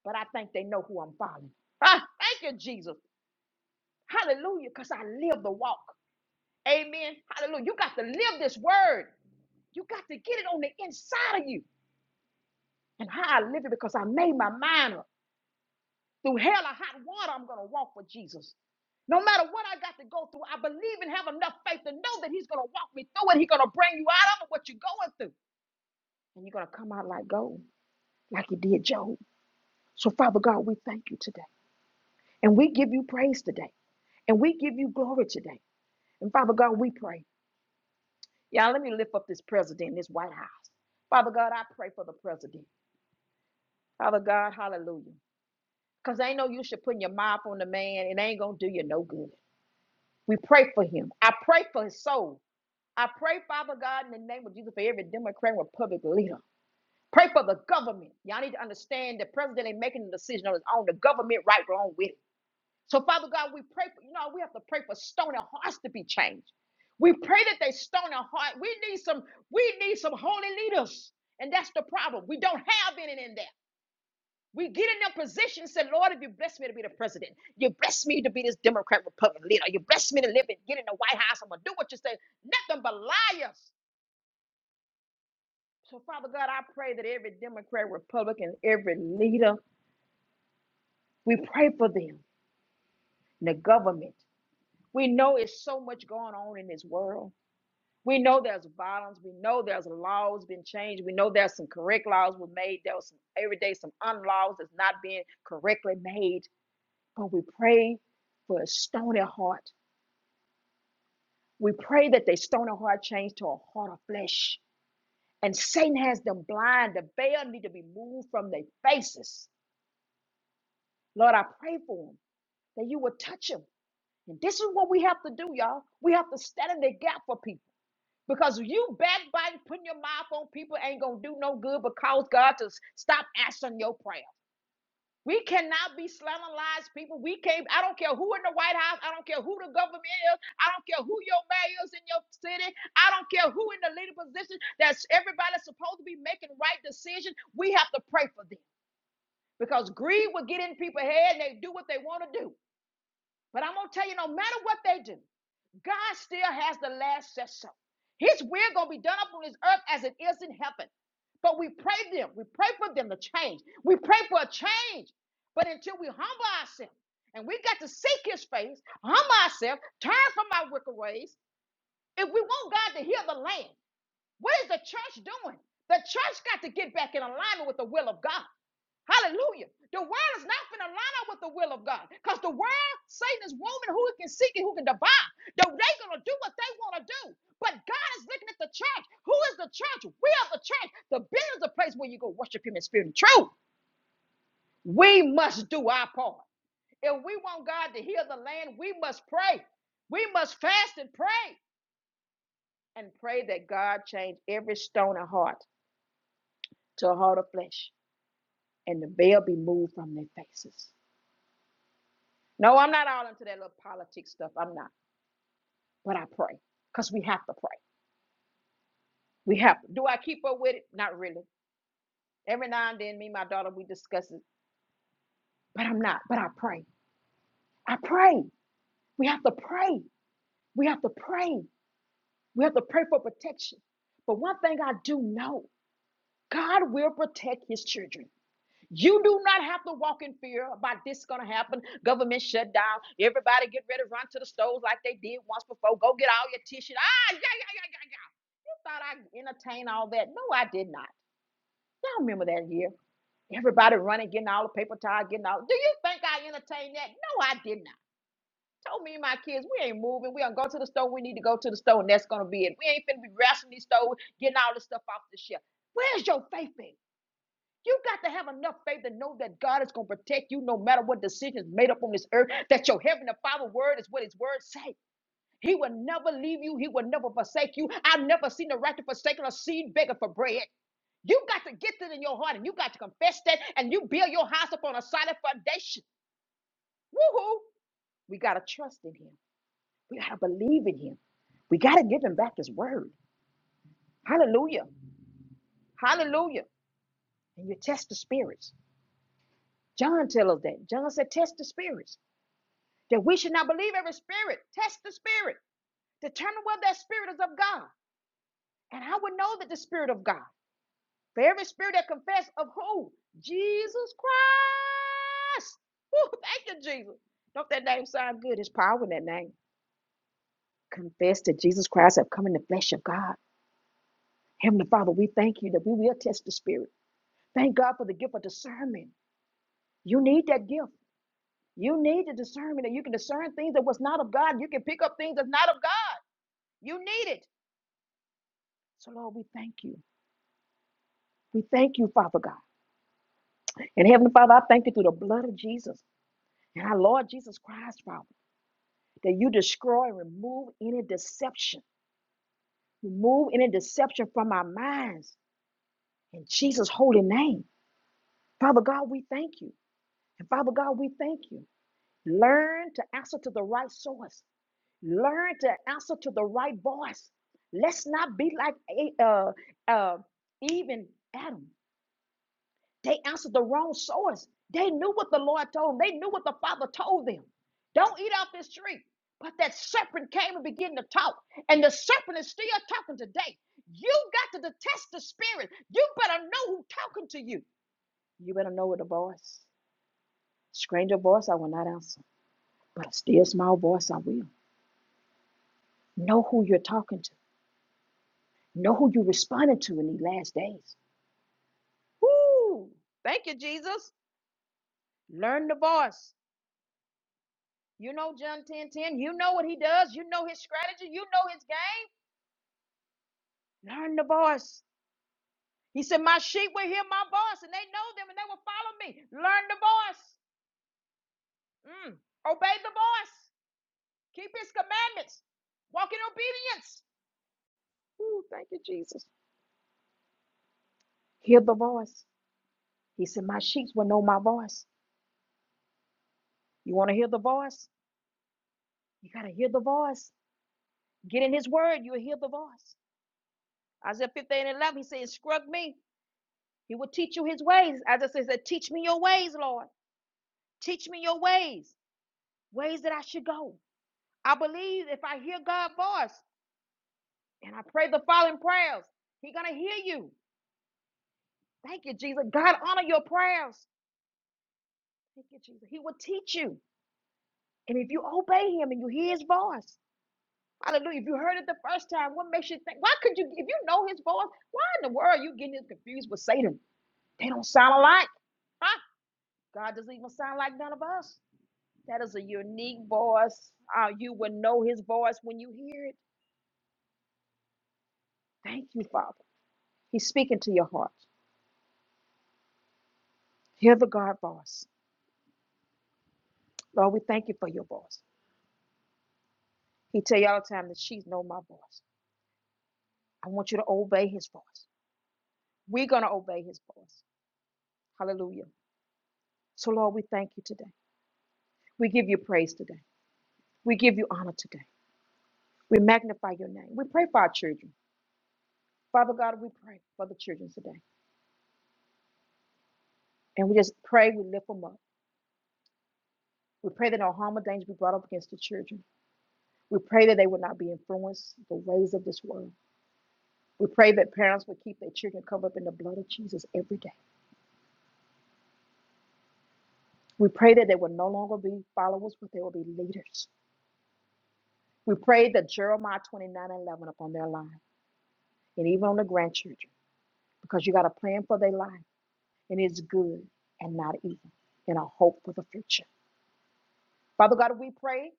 Speaker 1: But I think they know who I'm following. Ah, thank you, Jesus. Hallelujah, because I live the walk. Amen. Hallelujah. You got to live this word. You got to get it on the inside of you. And how I live it because I made my mind up. Through hell or hot water, I'm going to walk with Jesus. No matter what I got to go through, I believe and have enough faith to know that He's going to walk me through it. He's going to bring you out of what you're going through. And you're going to come out like gold, like He did Job. So, Father God, we thank you today. And we give you praise today. And we give you glory today. And Father God, we pray. Y'all, let me lift up this president, in this White House. Father God, I pray for the president. Father God, hallelujah. Because ain't no you should put your mouth on the man. It ain't going to do you no good. We pray for him. I pray for his soul. I pray, Father God, in the name of Jesus, for every Democrat and Republican leader. Pray for the government. Y'all need to understand the president ain't making the decision on his own. The government right along with it. So, Father God, we pray for, you know, we have to pray for stony hearts to be changed. We pray that they stone a heart. We need some, we need some holy leaders. And that's the problem. We don't have any in there. We get in their position and say, Lord, if you bless me to be the president, you bless me to be this Democrat Republican leader, you bless me to live and get in the White House, I'm gonna do what you say. Nothing but liars. So, Father God, I pray that every Democrat, Republican, every leader, we pray for them in the government. We know it's so much going on in this world. We know there's violence. We know there's laws been changed. We know there's some correct laws were made. There was some every day some unlaws that's not being correctly made. But we pray for a stony heart. We pray that they stony heart change to a heart of flesh. And Satan has them blind. The veil need to be moved from their faces. Lord, I pray for them that you would touch them. And this is what we have to do, y'all. We have to stand in the gap for people. Because you backbiting, putting your mouth on people ain't gonna do no good but cause God to stop answering your prayer. We cannot be slanderized people. We can't, I don't care who in the White House, I don't care who the government is, I don't care who your mayor is in your city, I don't care who in the leader position that's everybody's supposed to be making right decision. We have to pray for them because greed will get in people's head and they do what they want to do. But I'm gonna tell you, no matter what they do. God still has the last say so. His will gonna be done up on this earth as it is in heaven. But we pray them, we pray for them to change. We pray for a change. But until we humble ourselves and we got to seek his face, humble ourselves, turn from our wicked ways, if we want God to heal the land, what is the church doing? The church got to get back in alignment with the will of God. Hallelujah. The world is not going to line up with the will of God because the world, Satan is roaming who can seek and who can divide. They're going to do what they want to do. But God is looking at the church. Who is the church? We are the church. The building is the place where you go worship him in spirit and truth. We must do our part. If we want God to heal the land, we must pray. We must fast and pray and pray that God change every stone of heart to a heart of flesh and the veil be moved from their faces. No, I'm not all into that little politics stuff. I'm not. But I pray because we have to pray. We have to. Do I keep up with it? Not really. Every now and then, me and my daughter, we discuss it, but I'm not. But I pray. I pray. We have to pray. We have to pray. We have to pray for protection. But one thing I do know God will protect his children. You do not have to walk in fear about this going to happen. Government shut down. Everybody get ready to run to the stores like they did once before. Go get all your tissues. Ah, yeah, yeah, yeah, yeah, yeah. thought I entertained all that. No, I did not. Y'all remember that year? Everybody running, getting all the paper towel, getting all. Do you think I entertained that? No, I did not. Told me and my kids, we ain't moving. We gonna go to the store. We need to go to the store, and that's gonna be it. We ain't finna be wrestling these stores, getting all this stuff off the shelf. Where's your faith in? You got to have enough faith to know that God is gonna protect you no matter what decisions made up on this earth. That your heavenly Father word is what His word say. He will never leave you. He will never forsake you. I've never seen the righteous forsaken or seen begging for bread. You got to get that in your heart and you got to confess that and you build your house upon a solid foundation. Woohoo! We got to trust in him. We got to believe in him. We got to give him back his word. Hallelujah. Hallelujah. And you test the spirits. John tells us that. John said, test the spirits. That we should not believe every spirit. Test the spirit. Determine whether that spirit is of God. And I would know that the spirit of God. For every spirit that confess of who? Jesus Christ. Woo, thank you, Jesus. Don't that name sound good? It's power in that name. Confess that Jesus Christ have come in the flesh of God. Heavenly Father, we thank you that we will test the spirit. Thank God for the gift of discernment. You need that gift. You need the discernment that you can discern things that was not of God. You can pick up things that's not of God. You need it. So, Lord, we thank you. We thank you, Father God. And Heavenly Father, I thank you through the blood of Jesus and our Lord Jesus Christ, Father. that you destroy and remove any deception. Remove any deception from our minds. In Jesus' holy name. Father God, we thank you. And Father God, we thank you. Learn to answer to the right source. Learn to answer to the right voice. Let's not be like A- uh, uh, Eve and Adam. They answered the wrong source. They knew what the Lord told them. They knew what the Father told them. Don't eat off this tree. But that serpent came and began to talk. And the serpent is still talking today. You got to detest the spirit. You better know who's talking to you. You better know it a voice. Stranger voice, I will not answer. But a still small voice, I will. Know who you're talking to. Know who you responded to in these last days. Woo! Thank you, Jesus. Learn the voice. You know John 10:10. You know what he does. You know his strategy. You know his game. Learn the voice. He said, My sheep will hear my voice, and they know them and they will follow me. Learn the voice. Mm. Obey the voice. Keep his commandments. Walk in obedience. Ooh, thank you, Jesus. Hear the voice. He said, My sheep will know my voice. You want to hear the voice? You got to hear the voice. Get in his word. You'll hear the voice. Isaiah 15 and 11, he said, Instruct me. He will teach you his ways. Isaiah says, Teach me your ways, Lord. Teach me your ways, ways that I should go. I believe if I hear God's voice and I pray the following prayers, He's going to hear you. Thank you, Jesus. God honor your prayers. Thank you, Jesus. He will teach you. And if you obey Him and you hear His voice, hallelujah. If you heard it the first time, what makes you think? Why could you, if you know His voice, why in the world are you getting confused with Satan? They don't sound alike. Huh? God doesn't even sound like none of us. That is a unique voice. Uh, you will know His voice when you hear it. Thank you, Father. He's speaking to your heart. Hear the God voice. Lord, we thank you for your voice. He tell you all the time that she's know my voice. I want you to obey his voice. We're gonna obey his voice. Hallelujah. So Lord, we thank you today. We give you praise today. We give you honor today. We magnify your name. We pray for our children. Father God, we pray for the children today. And we just pray, we lift them up. We pray that no harm or danger be brought up against the children. We pray that they will not be influenced the ways of this world. We pray that parents would keep their children covered up in the blood of Jesus every day. We pray that they will no longer be followers, but they will be leaders. We pray that Jeremiah 29 and 11 upon their life and even on the grandchildren, because you got a plan for their life and it's good and not evil and a hope for the future. Father God, we pray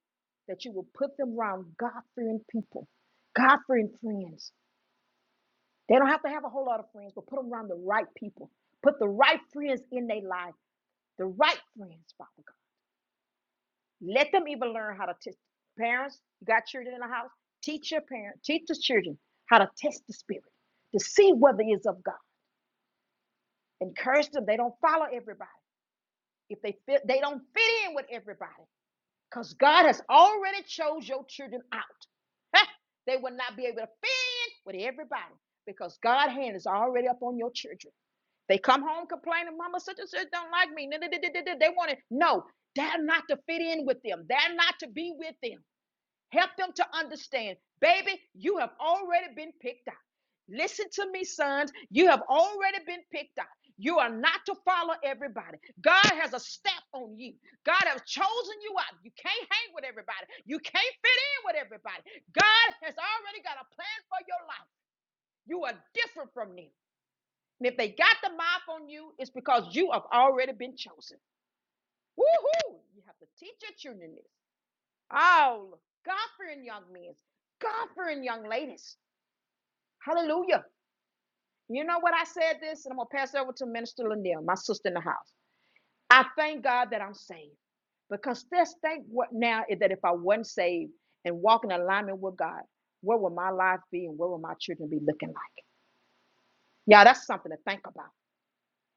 Speaker 1: that you will put them around God fearing people, God fearing friends. They don't have to have a whole lot of friends, but put them around the right people. Put the right friends in their life, the right friends, Father God. Let them even learn how to test. Parents, you got children in the house, teach your parents, teach the children how to test the spirit to see whether it's of God. Encourage them. They don't follow everybody. If they fit, they don't fit in with everybody. Because God has already chose your children out. they will not be able to fit in with everybody because God's hand is already upon your children. They come home complaining, Mama such and such don't like me. Nah, nah, nah, nah, nah, nah, nah, They want it. no, They're not to fit in with them. They're not to be with them. Help them to understand, baby, you have already been picked out. Listen to me, sons. You have already been picked out. You are not to follow everybody. God has a stamp on you. God has chosen you out. You can't hang with everybody. You can't fit in with everybody. God has already got a plan for your life. You are different from them. And if they got the mouth on you, it's because you have already been chosen. Woohoo! You have to teach your children this. Oh, God fearing young men, God fearing young ladies. Hallelujah. You know what I said this, and I'm gonna pass it over to Minister Lindell, my sister in the house. I thank God that I'm saved. Because this thing, what now is that if I wasn't saved and walk in alignment with God, where would my life be and where would my children be looking like? Yeah, that's something to think about.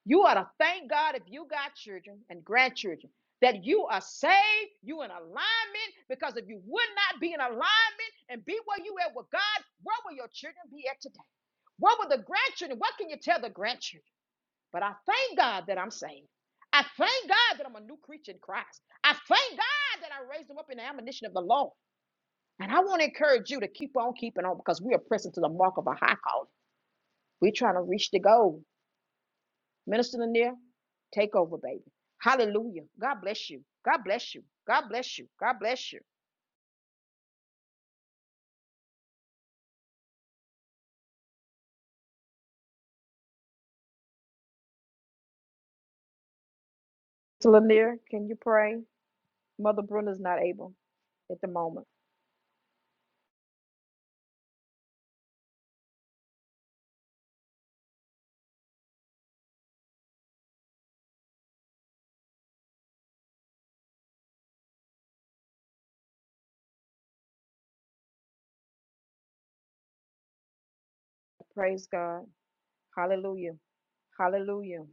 Speaker 1: You ought to thank God if you got children and grandchildren that you are saved, you in alignment, because if you would not be in alignment and be where you at with God, where will your children be at today? What will the grandchildren? What can you tell the grandchildren? But I thank God that I'm saved. I thank God that I'm a new creature in Christ. I thank God that I raised them up in the admonition of the Lord. And I want to encourage you to keep on keeping on because we are pressing to the mark of a high calling. We're trying to reach the goal. Minister Lanier, take over, baby. Hallelujah. God bless you. God bless you. God bless you. God bless you. Minister Lanier, can you pray? Mother Brenda's not able at the moment. Praise God. Hallelujah. Hallelujah.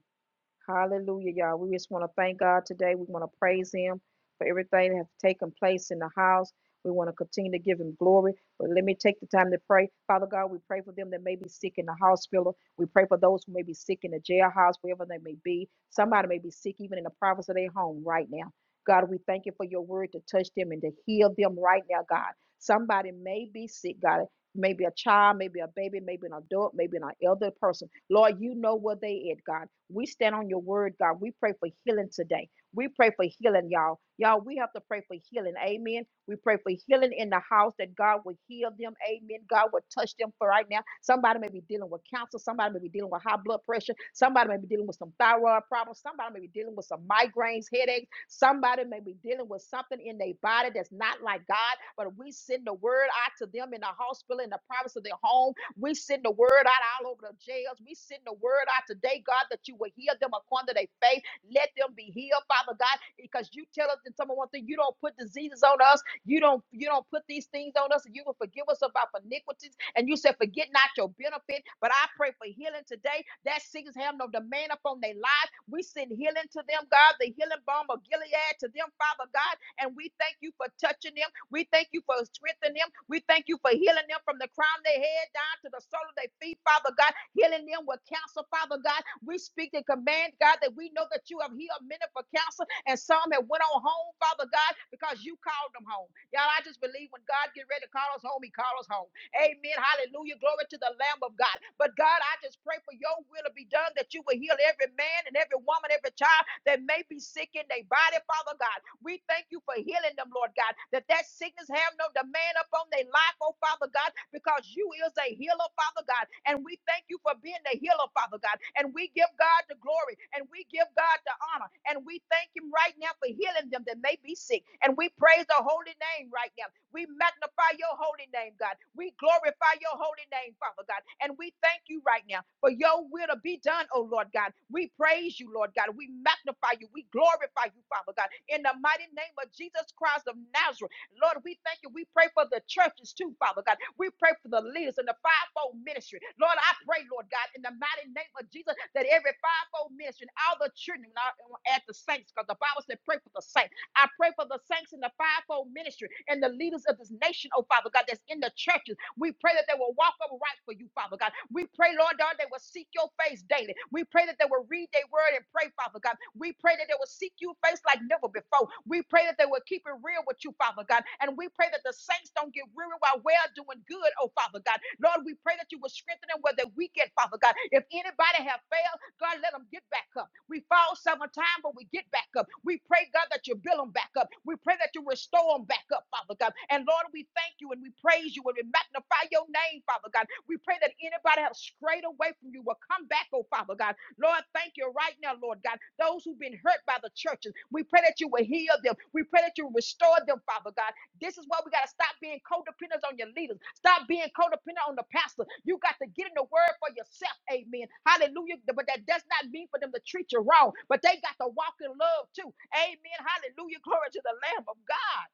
Speaker 1: Hallelujah, y'all. We just want to thank God today. We want to praise Him for everything that has taken place in the house. We want to continue to give Him glory. But let me take the time to pray. Father God, we pray for them that may be sick in the hospital. We pray for those who may be sick in the jailhouse, wherever they may be. Somebody may be sick even in the province of their home right now. God, we thank you for your word to touch them and to heal them right now, God. Somebody may be sick, God. Maybe a child, maybe a baby, maybe an adult, maybe an elder person. Lord, you know where they at, God. We stand on your word, God. We pray for healing today. We pray for healing, y'all. Y'all, we have to pray for healing. Amen. We pray for healing in the house that God will heal them. Amen. God will touch them for right now. Somebody may be dealing with cancer. Somebody may be dealing with high blood pressure. Somebody may be dealing with some thyroid problems. Somebody may be dealing with some migraines, headaches. Somebody may be dealing with something in their body that's not like God. But we send the word out to them in the hospital, in the privacy of their home we send the word out all over the jails. We send the word out today, God, that you will heal them according to their faith. Let them be healed, Father God, because you tell us in some one thing, you don't put diseases on us. You don't you don't put these things on us, and you will forgive us of our iniquities. And you said, forget not your benefit. But I pray for healing today. That sickness have no demand upon their lives. We send healing to them, God, the healing balm of Gilead to them, Father God. And we thank you for touching them. We thank you for strengthening them. We thank you for healing them from the crown of their head down to the sole of their feet, Father God. Healing them with cancer, Father God. We speak and command, God, that we know that you have healed many for cancer and some have went on home, Father God, because you called them home. Y'all, I just believe when God get ready to call us home, he call us home. Amen. Hallelujah. Glory to the Lamb of God. But God, I just pray for your will to be done, that you will heal every man and every woman, every child that may be sick in their body, Father God. We thank you for healing them, Lord God, that that sickness have no demand upon their life, oh Father God, because you is a healer, Father God. And we thank you for being the healer, Father God. And we give God the glory and we give God the honor. And we thank him right now for healing them that may be sick. And we praise the holy name right now we magnify your holy name, God. We glorify your holy name, Father God. And we thank you right now for your will to be done, oh Lord God. We praise you, Lord God. We magnify you. We glorify you, Father God. In the mighty name of Jesus Christ of Nazareth. Lord, we thank you. We pray for the churches too, Father God. We pray for the leaders in the fivefold ministry. Lord, I pray, Lord God, in the mighty name of Jesus, that every fivefold ministry and all the children and all- and at the saints, because the Bible said, pray for the saints. I pray for the saints in the fivefold ministry and the leaders of this nation, oh Father God, that's in the churches. We pray that they will walk upright for you, Father God. We pray, Lord God, they will seek your face daily. We pray that they will read their word and pray, Father God. We pray that they will seek you face like never before. We pray that they will keep it real with you, Father God. And we pray that the saints don't get weary while we are doing good, oh Father God. Lord, we pray that you will strengthen them where they're weak at, Father God. If anybody have failed, God, let them get back up. We fall several times, but we get back up. We pray, God, that you build them back up. We pray that you restore them back up, Father God. And Lord, we thank you and we praise you and we magnify your name, Father God. We pray that anybody have strayed away from you will come back, oh Father God. Lord, thank you right now, Lord God. Those who've been hurt by the churches, we pray that you will heal them. We pray that you restore them, Father God. This is why we got to stop being codependent on your leaders. Stop being codependent on the pastor. You got to get in the word for yourself. Amen. Hallelujah. But that does not mean for them to treat you wrong, but they got to walk in love too. Amen. Hallelujah. Glory to the Lamb of God.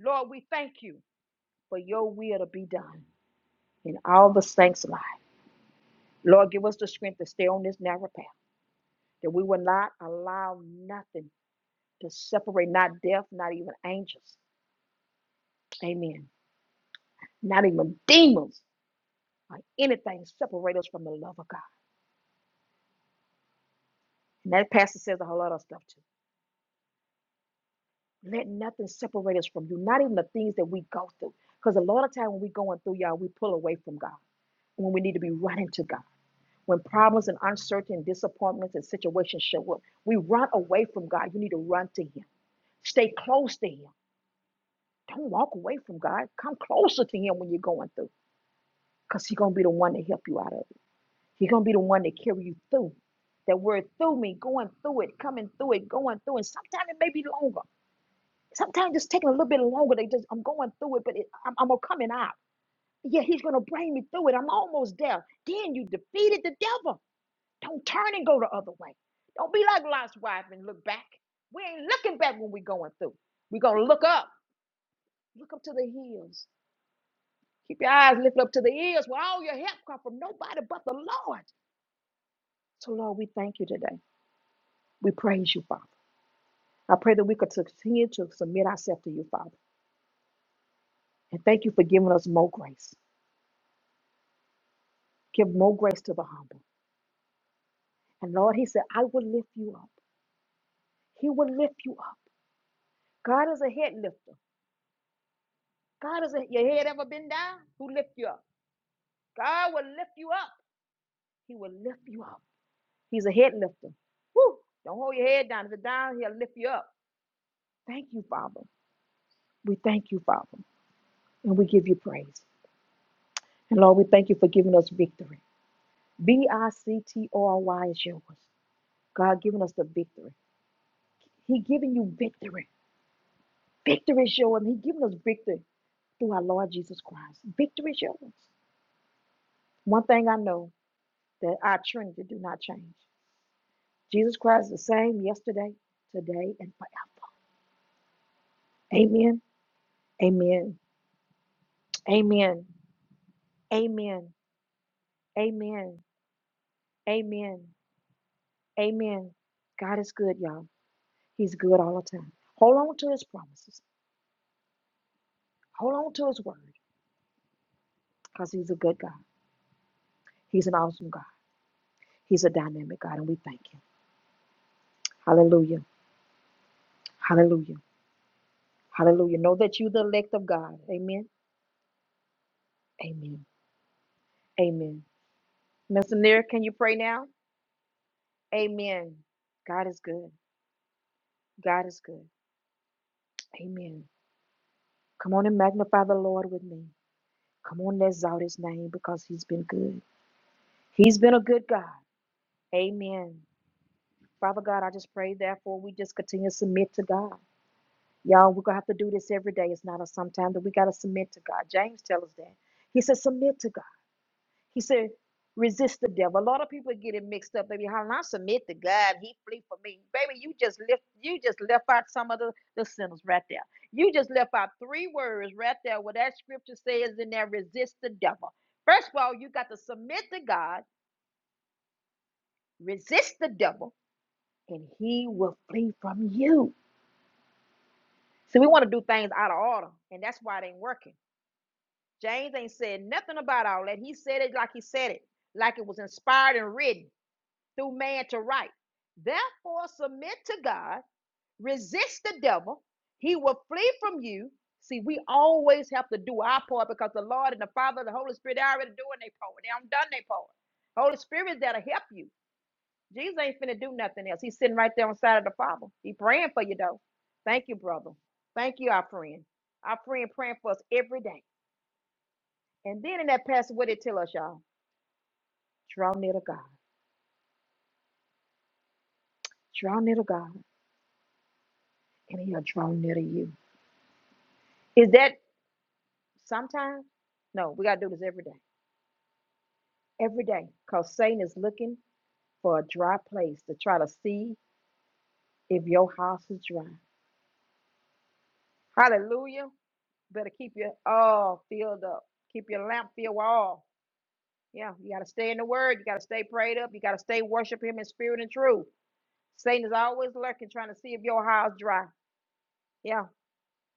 Speaker 1: Lord, we thank you for your will to be done in all the saints' life. Lord, give us the strength to stay on this narrow path, that we will not allow nothing to separate, not death, not even angels. Amen. Not even demons or anything separate us from the love of God. And that passage says a whole lot of stuff too. Let nothing separate us from you, not even the things that we go through. Because a lot of time when we're going through, y'all, we pull away from God when we need to be running to God. When problems and uncertainty, disappointments and situations show up, we run away from God. You need to run to Him. Stay close to Him. Don't walk away from God. Come closer to Him when you're going through, because He's going to be the one to help you out of it. He's gonna be the one that carry you through. That word through me, going through it, coming through it, going through it. Sometimes it may be longer. Sometimes it's taking a little bit longer. They just I'm going through it, but it, I'm, I'm gonna coming out. Yeah, he's gonna bring me through it. I'm almost there. Then you defeated the devil. Don't turn and go the other way. Don't be like Lot's wife and look back. We ain't looking back when we going through. we gonna look up. Look up to the hills. Keep your eyes lifted up to the ears where all your help come from nobody but the Lord. So Lord, we thank you today. We praise you, Father. I pray that we could continue to submit ourselves to you, Father. And thank you for giving us more grace. Give more grace to the humble. And Lord, He said, I will lift you up. He will lift you up. God is a head lifter. God is a, your head ever been down? Who lift you up? God will lift you up. He will lift you up. He's a head lifter. Woo! Don't hold your head down. If it's down, He'll lift you up. Thank you, Father. We thank you, Father. And we give you praise. And Lord, we thank you for giving us victory. B I C T O R Y is yours. God giving us the victory. He giving you victory. Victory is yours. He giving us victory through our Lord Jesus Christ. Victory is yours. One thing I know that our Trinity do not change. Jesus Christ is the same yesterday, today, and forever. Amen. Amen. Amen. Amen. Amen. Amen. Amen. God is good, y'all. He's good all the time. Hold on to his promises. Hold on to his word because he's a good God. He's an awesome God. He's a dynamic God, and we thank him. Hallelujah. Hallelujah. Hallelujah. Know that you the elect of God. Amen. Amen. Amen. Messenger, can you pray now? Amen. God is good. God is good. Amen. Come on and magnify the Lord with me. Come on, let's out his name because he's been good. He's been a good God. Amen. Father God, I just pray, therefore, we just continue to submit to God. Y'all, we're going to have to do this every day. It's not a sometime that we got to submit to God. James tells us that. He says, submit to God. He said, resist the devil. A lot of people get it mixed up. They be hollering, I submit to God. He flee for me. Baby, you just left you just left out some of the, the sinners right there. You just left out three words right there where that scripture says in there, resist the devil. First of all, you got to submit to God, resist the devil, and he will flee from you. See, we want to do things out of order, and that's why it ain't working. James ain't said nothing about all that. He said it like he said it, like it was inspired and written. through man to right. Therefore, submit to God, resist the devil, he will flee from you. See, we always have to do our part because the Lord and the Father and the Holy Spirit are already doing their part. They haven't done their part. Holy Spirit is there to help you. Jesus ain't finna do nothing else. He's sitting right there on the side of the Father. He praying for you though. Thank you, brother. Thank you, our friend. Our friend praying for us every day. And then in that passage, what did it tell us, y'all? Draw near to God. Draw near to God, and He'll draw near to you. Is that? sometimes no we got to do this every day every day because satan is looking for a dry place to try to see if your house is dry hallelujah better keep your oh filled up keep your lamp filled all yeah you got to stay in the word you got to stay prayed up you got to stay worship him in spirit and truth satan is always lurking trying to see if your house dry yeah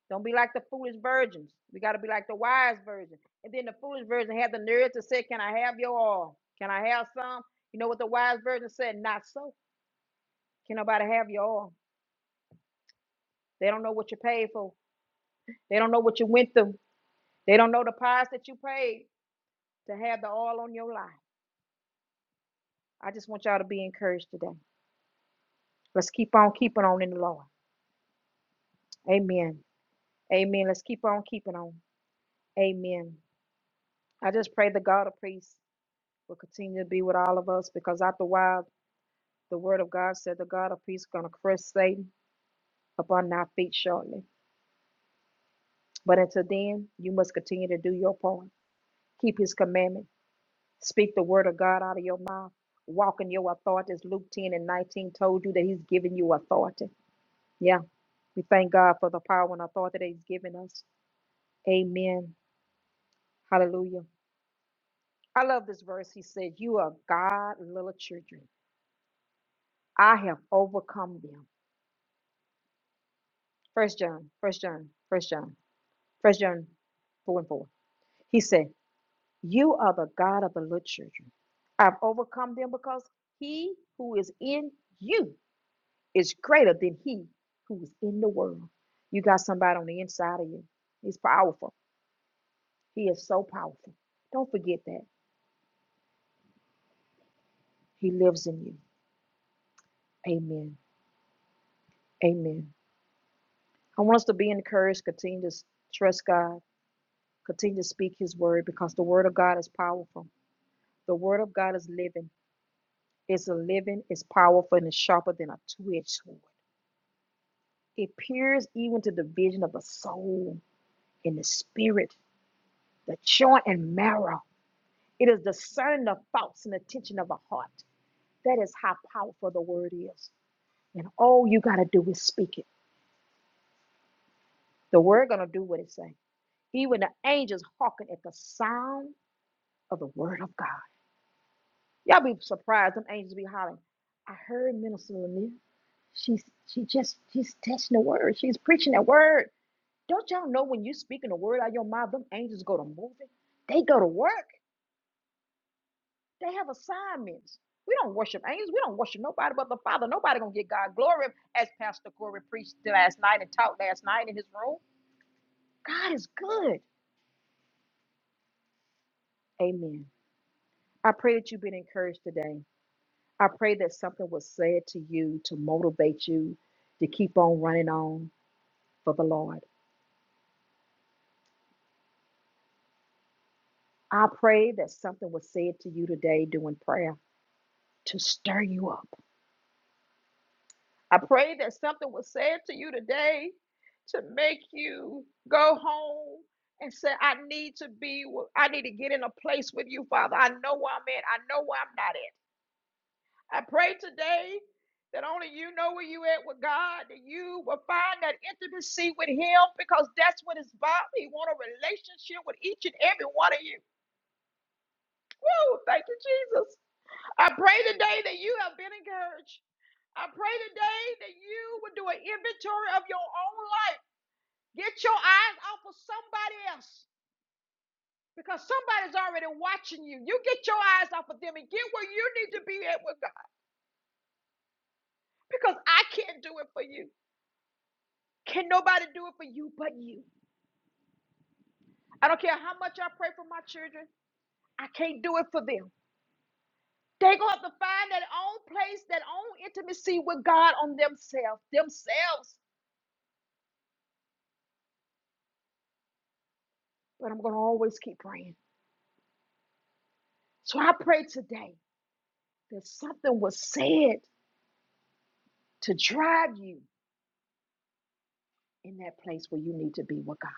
Speaker 1: Don't be like the foolish virgins. We got to be like the wise virgin. And then the foolish virgin had the nerve to say, Can I have your oil? Can I have some? You know what the wise virgin said? Not so. Can nobody have your oil? They don't know what you paid for. They don't know what you went through. They don't know the price that you paid to have the oil on your life. I just want y'all to be encouraged today. Let's keep on keeping on in the Lord. Amen. Amen. Let's keep on keeping on. Amen. I just pray the God of peace will continue to be with all of us because after a while, The word of God said the God of peace is going to crush Satan upon our feet shortly. But until then, you must continue to do your part. Keep his commandment. Speak the word of God out of your mouth. Walk in your authority as Luke 10 and 19 told you that he's given you authority. Yeah. We thank God for the power and authority that he's given us. Amen. Hallelujah. I love this verse. He says, You are God, little children. I have overcome them. First John, first John, first John, first John 4 and 4. He said, You are the God of the little children. I've overcome them because he who is in you is greater than he who is in the world. You got somebody on the inside of you. He's powerful. He is so powerful. Don't forget that. He lives in you. Amen. Amen. I want us to be encouraged. Continue to trust God. Continue to speak his word because the word of God is powerful. The word of God is living. It's a living, it's powerful, and it's sharper than a two-edged sword It peers even to the vision of the soul and the spirit, the joint and marrow. It is discerning the thoughts and attention of the heart. That is how powerful the word is. And all you gotta do is speak it. The word gonna do what it say. Even the angels hearken at the sound of the word of God. Y'all be surprised. Them angels be hollering. I heard Minister Lanier. She's she just she's teaching the word. She's preaching the word. Don't y'all know when you speaking a word out of your mouth, them angels go to moving? They go to work. They have assignments. We don't worship angels. We don't worship nobody but the Father. Nobody gonna get God glory as Pastor Corey preached last night and taught last night in his room. God is good. Amen. I pray that you've been encouraged today. I pray that something was said to you to motivate you to keep on running on for the Lord. I pray that something was said to you today during prayer to stir you up I pray that something was said to you today to make you go home and say, I need to be, wi- I need to get in a place with you, Father. I know where I'm at. I know where I'm not at. I pray today that only you know where you at with God, that you will find that intimacy with Him because that's what it's about. He want a relationship with each and every one of you. Woo, thank you, Jesus. I pray today that you have been encouraged. I pray today that you would do an inventory of your own life. Get your eyes off of somebody else because somebody's already watching you. You get your eyes off of them and get where you need to be at with God because I can't do it for you. Can nobody do it for you but you? I don't care how much I pray for my children, I can't do it for them. They're going to have to find that own place, that own intimacy with God on themselves, themselves. But I'm going to always keep praying. So I pray today that something was said to drive you in that place where you need to be with God.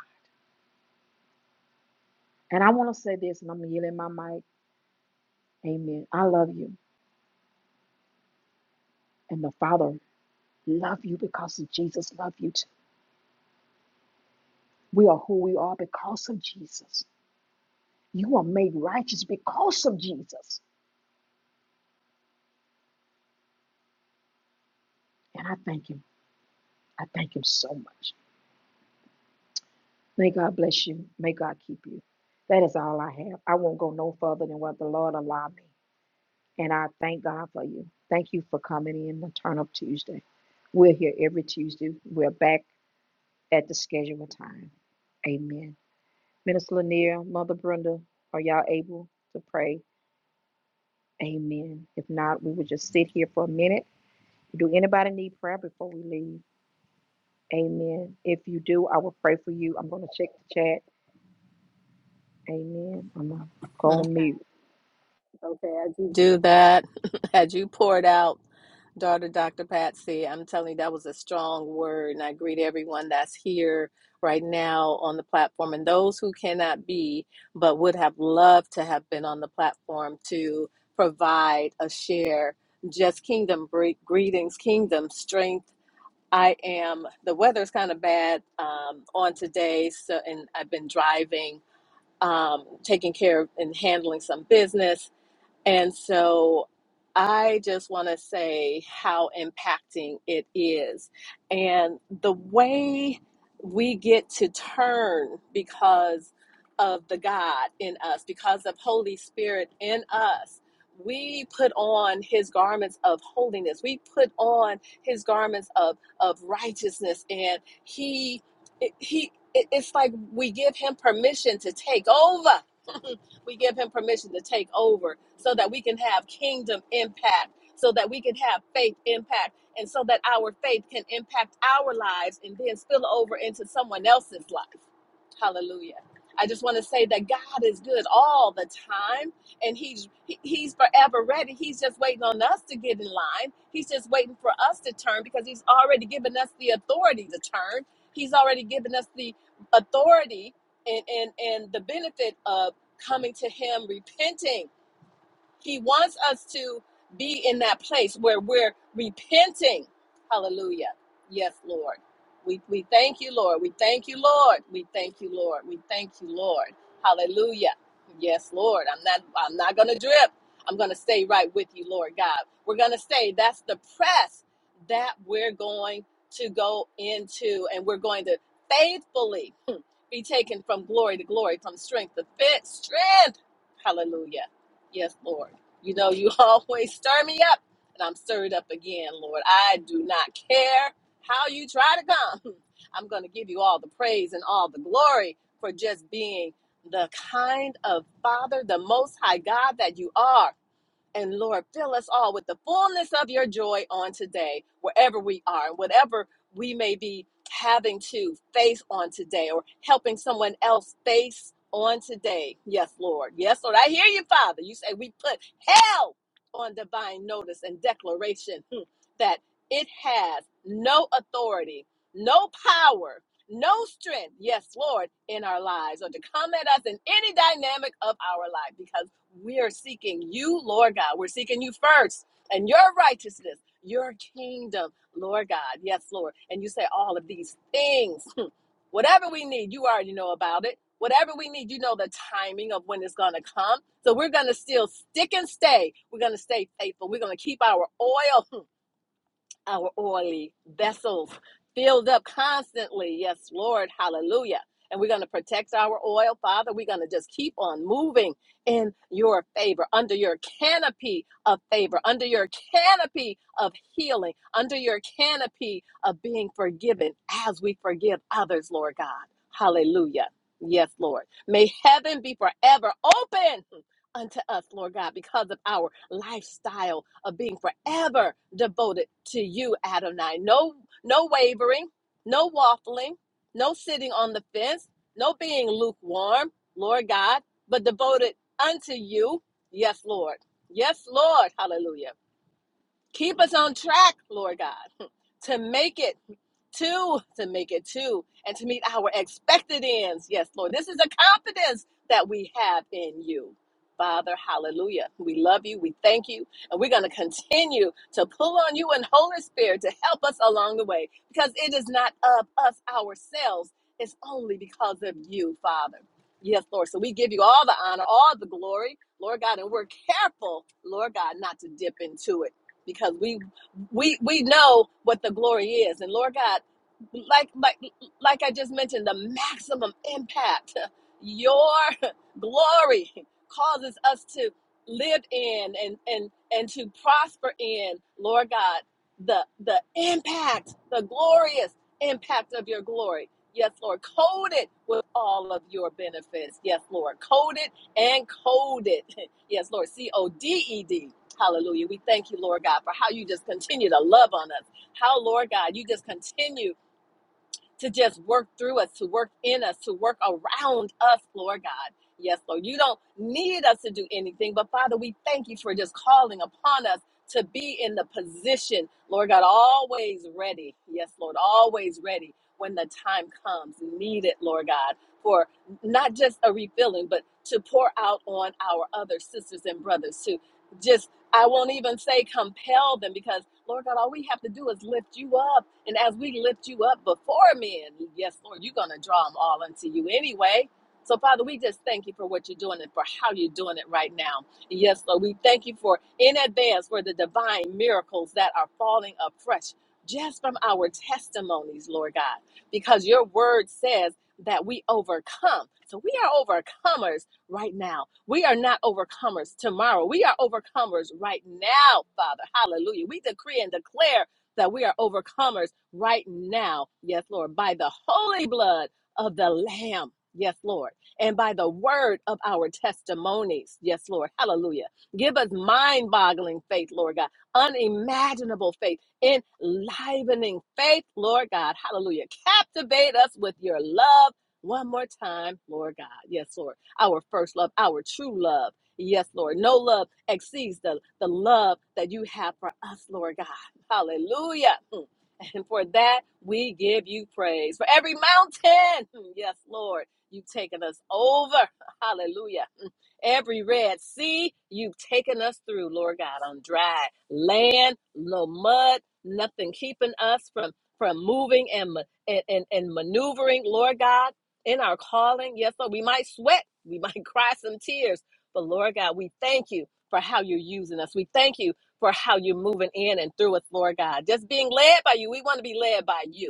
Speaker 1: And I want to say this, and I'm yielding my mic. Amen. I love you, and the Father loves you because of Jesus love you too. We are who we are because of Jesus. You are made righteous because of Jesus. And I thank Him. I thank Him so much. May God bless you. May God keep you. That is all I have. I won't go no further than what the Lord allowed me. And I thank God for you. Thank you for coming in on Turn Up Tuesday. We're here every Tuesday. We're back. at the scheduled time. Amen. Minister Lanier, Mother Brenda, are y'all able to pray? Amen. If not, we would just sit here for a minute. Do anybody need prayer before we leave? Amen. If you do, I will pray for you. I'm going to check the chat. Amen. I'm going to go
Speaker 2: If
Speaker 1: on mute.
Speaker 2: you do that, had you poured out, daughter Dr. Patsy, I'm telling you, that was a strong word. And I greet everyone that's here right now on the platform and those who cannot be, but would have loved to have been on the platform to provide a share. Just kingdom bre- greetings, kingdom strength. I am, the weather's kind of bad um, on today, so, and I've been driving. um, taking care of and handling some business. And so I just want to say how impacting it is. And the way we get to turn because of the God in us, because of Holy Spirit in us. We put on his garments of holiness. We put on his garments of, of righteousness. And he, he, it- it's like we give him permission to take over. We give him permission to take over so that we can have kingdom impact, so that we can have faith impact, and so that our faith can impact our lives and then spill over into someone else's life. Hallelujah. I just want to say that God is good all the time and he's he- he's forever ready. He's just waiting on us to get in line. He's just waiting for us to turn because he's already given us the authority to turn. He's already given us the authority and and and the benefit of coming to him repenting he wants us to be in that place where we're repenting hallelujah yes lord we, we thank you lord we thank you lord we thank you lord we thank you lord hallelujah yes lord i'm not i'm not gonna drip i'm gonna stay right with you lord god we're gonna stay that's the press that we're going to go into and we're going to faithfully be taken from glory to glory, from strength to fit strength. Hallelujah. Yes, Lord. You know, you always stir me up, and I'm stirred up again, Lord. I do not care how you try to come. I'm going to give you all the praise and all the glory for just being the kind of Father, the Most High God that you are. And Lord, fill us all with the fullness of your joy on today, wherever we are, and whatever we may be having to face on today or helping someone else face on today. Yes, Lord. Yes, Lord. I hear you, Father. You say we put hell on divine notice and declaration hmm, that it has no authority, no power, no strength, yes, Lord, in our lives or to come at us in any dynamic of our life because we are seeking you, Lord God. We're seeking you first and your righteousness, your kingdom, Lord God. Yes, Lord. And you say all of these things. Whatever we need, you already know about it. Whatever we need, you know the timing of when it's going to come. So we're going to still stick and stay. We're going to stay faithful. We're going to keep our oil our oily vessels filled up constantly. Yes, Lord. Hallelujah. And we're going to protect our oil, Father. We're going to just keep on moving in your favor, under your canopy of favor, under your canopy of healing, under your canopy of being forgiven as we forgive others, Lord God. Hallelujah. Yes, Lord. May heaven be forever open unto us, Lord God, because of our lifestyle of being forever devoted to you, Adonai. No, no wavering, no waffling, no sitting on the fence, no being lukewarm, Lord God, but devoted unto you. Yes, Lord. Yes, Lord. Hallelujah. Keep us on track, Lord God, to make it to, to make it to, and to meet our expected ends. Yes, Lord. This is a confidence that we have in you. Father, hallelujah. We love you. We thank you. And we're going to continue to pull on you and Holy Spirit to help us along the way because it is not of us ourselves. It's only because of you, Father. Yes, Lord. So we give you all the honor, all the glory, Lord God, and we're careful, Lord God, not to dip into it because we we we know what the glory is and lord god like like like i just mentioned the maximum impact your glory causes us to live in and and and to prosper in lord god the the impact the glorious impact of your glory yes lord code it with all of your benefits yes lord code it and code it yes lord c-o-d-e-d Hallelujah. We thank you, Lord God, for how you just continue to love on us. How, Lord God, you just continue to just work through us, to work in us, to work around us, Lord God. Yes, Lord. You don't need us to do anything, but Father, we thank you for just calling upon us to be in the position, Lord God, always ready. Yes, Lord, always ready when the time comes. Need it, Lord God, for not just a refilling, but to pour out on our other sisters and brothers to just, I won't even say compel them because, Lord God, all we have to do is lift you up. And as we lift you up before men, yes, Lord, you're going to draw them all unto you anyway. So, Father, we just thank you for what you're doing and for how you're doing it right now. And Yes, Lord, we thank you for in advance for the divine miracles that are falling afresh just from our testimonies, Lord God, because your word says that we overcome. So, we are overcomers right now. We are not overcomers tomorrow. We are overcomers right now, Father. Hallelujah. We decree and declare that we are overcomers right now. Yes, Lord, by the holy blood of the Lamb. Yes, Lord. And by the word of our testimonies. Yes, Lord. Hallelujah. Give us mind boggling faith, Lord God. Unimaginable faith, enlivening faith, Lord God. Hallelujah. Captivate us with your love one more time, Lord God. Yes, Lord. Our first love, our true love. Yes, Lord. No love exceeds the, the love that you have for us, Lord God. Hallelujah. Mm. And for that, we give you praise. For every mountain, mm, yes, Lord, you've taken us over. Hallelujah every red sea you've taken us through, Lord God, on dry land, no mud, nothing keeping us from from moving and ma- and, and, and maneuvering, Lord God, in our calling. Yes, Lord, we might sweat, we might cry some tears, but Lord God, we thank you for how you're using us. We thank you for how you're moving in and through us, Lord God. Just being led by you. We want to be led by you.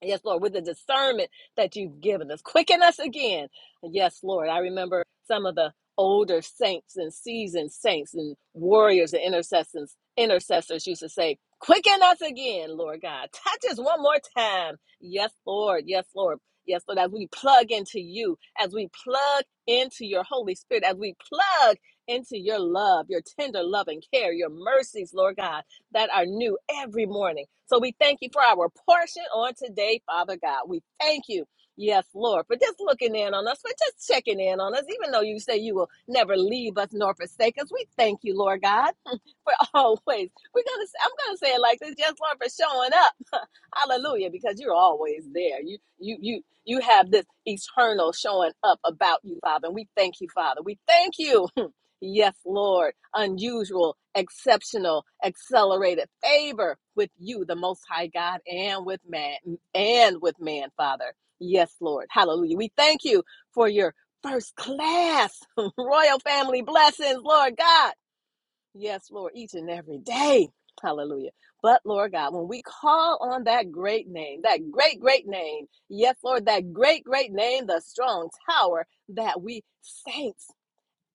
Speaker 2: Yes, Lord, with the discernment that you've given us. Quicken us again. Yes, Lord. I remember some of the older saints and seasoned saints and warriors and intercessors intercessors used to say, Quicken us again, Lord God. Touch us one more time. Yes, Lord. Yes, Lord. Yes, Lord. As we plug into you, as we plug into your Holy Spirit, as we plug into your love, your tender love and care, your mercies, Lord God that are new every morning. So we thank you for our portion on today, Father God. We thank you. Yes, Lord, for just looking in on us, for just checking in on us, even though you say you will never leave us nor forsake us. We thank you, Lord God, for always. We're gonna. I'm gonna say it like this, yes, Lord, for showing up. Hallelujah, because you're always there. You, you, you, you have this eternal showing up about you, Father. And we thank you, Father. We thank you Yes, Lord. Unusual, exceptional, accelerated favor with you, the Most High God, and with man, and with man, Father. Yes, Lord. Hallelujah. We thank you for your first class royal family blessings, Lord God. Yes, Lord, each and every day. Hallelujah. But Lord God, when we call on that great name, that great, great name, yes, Lord, that great, great name, the strong tower that we saints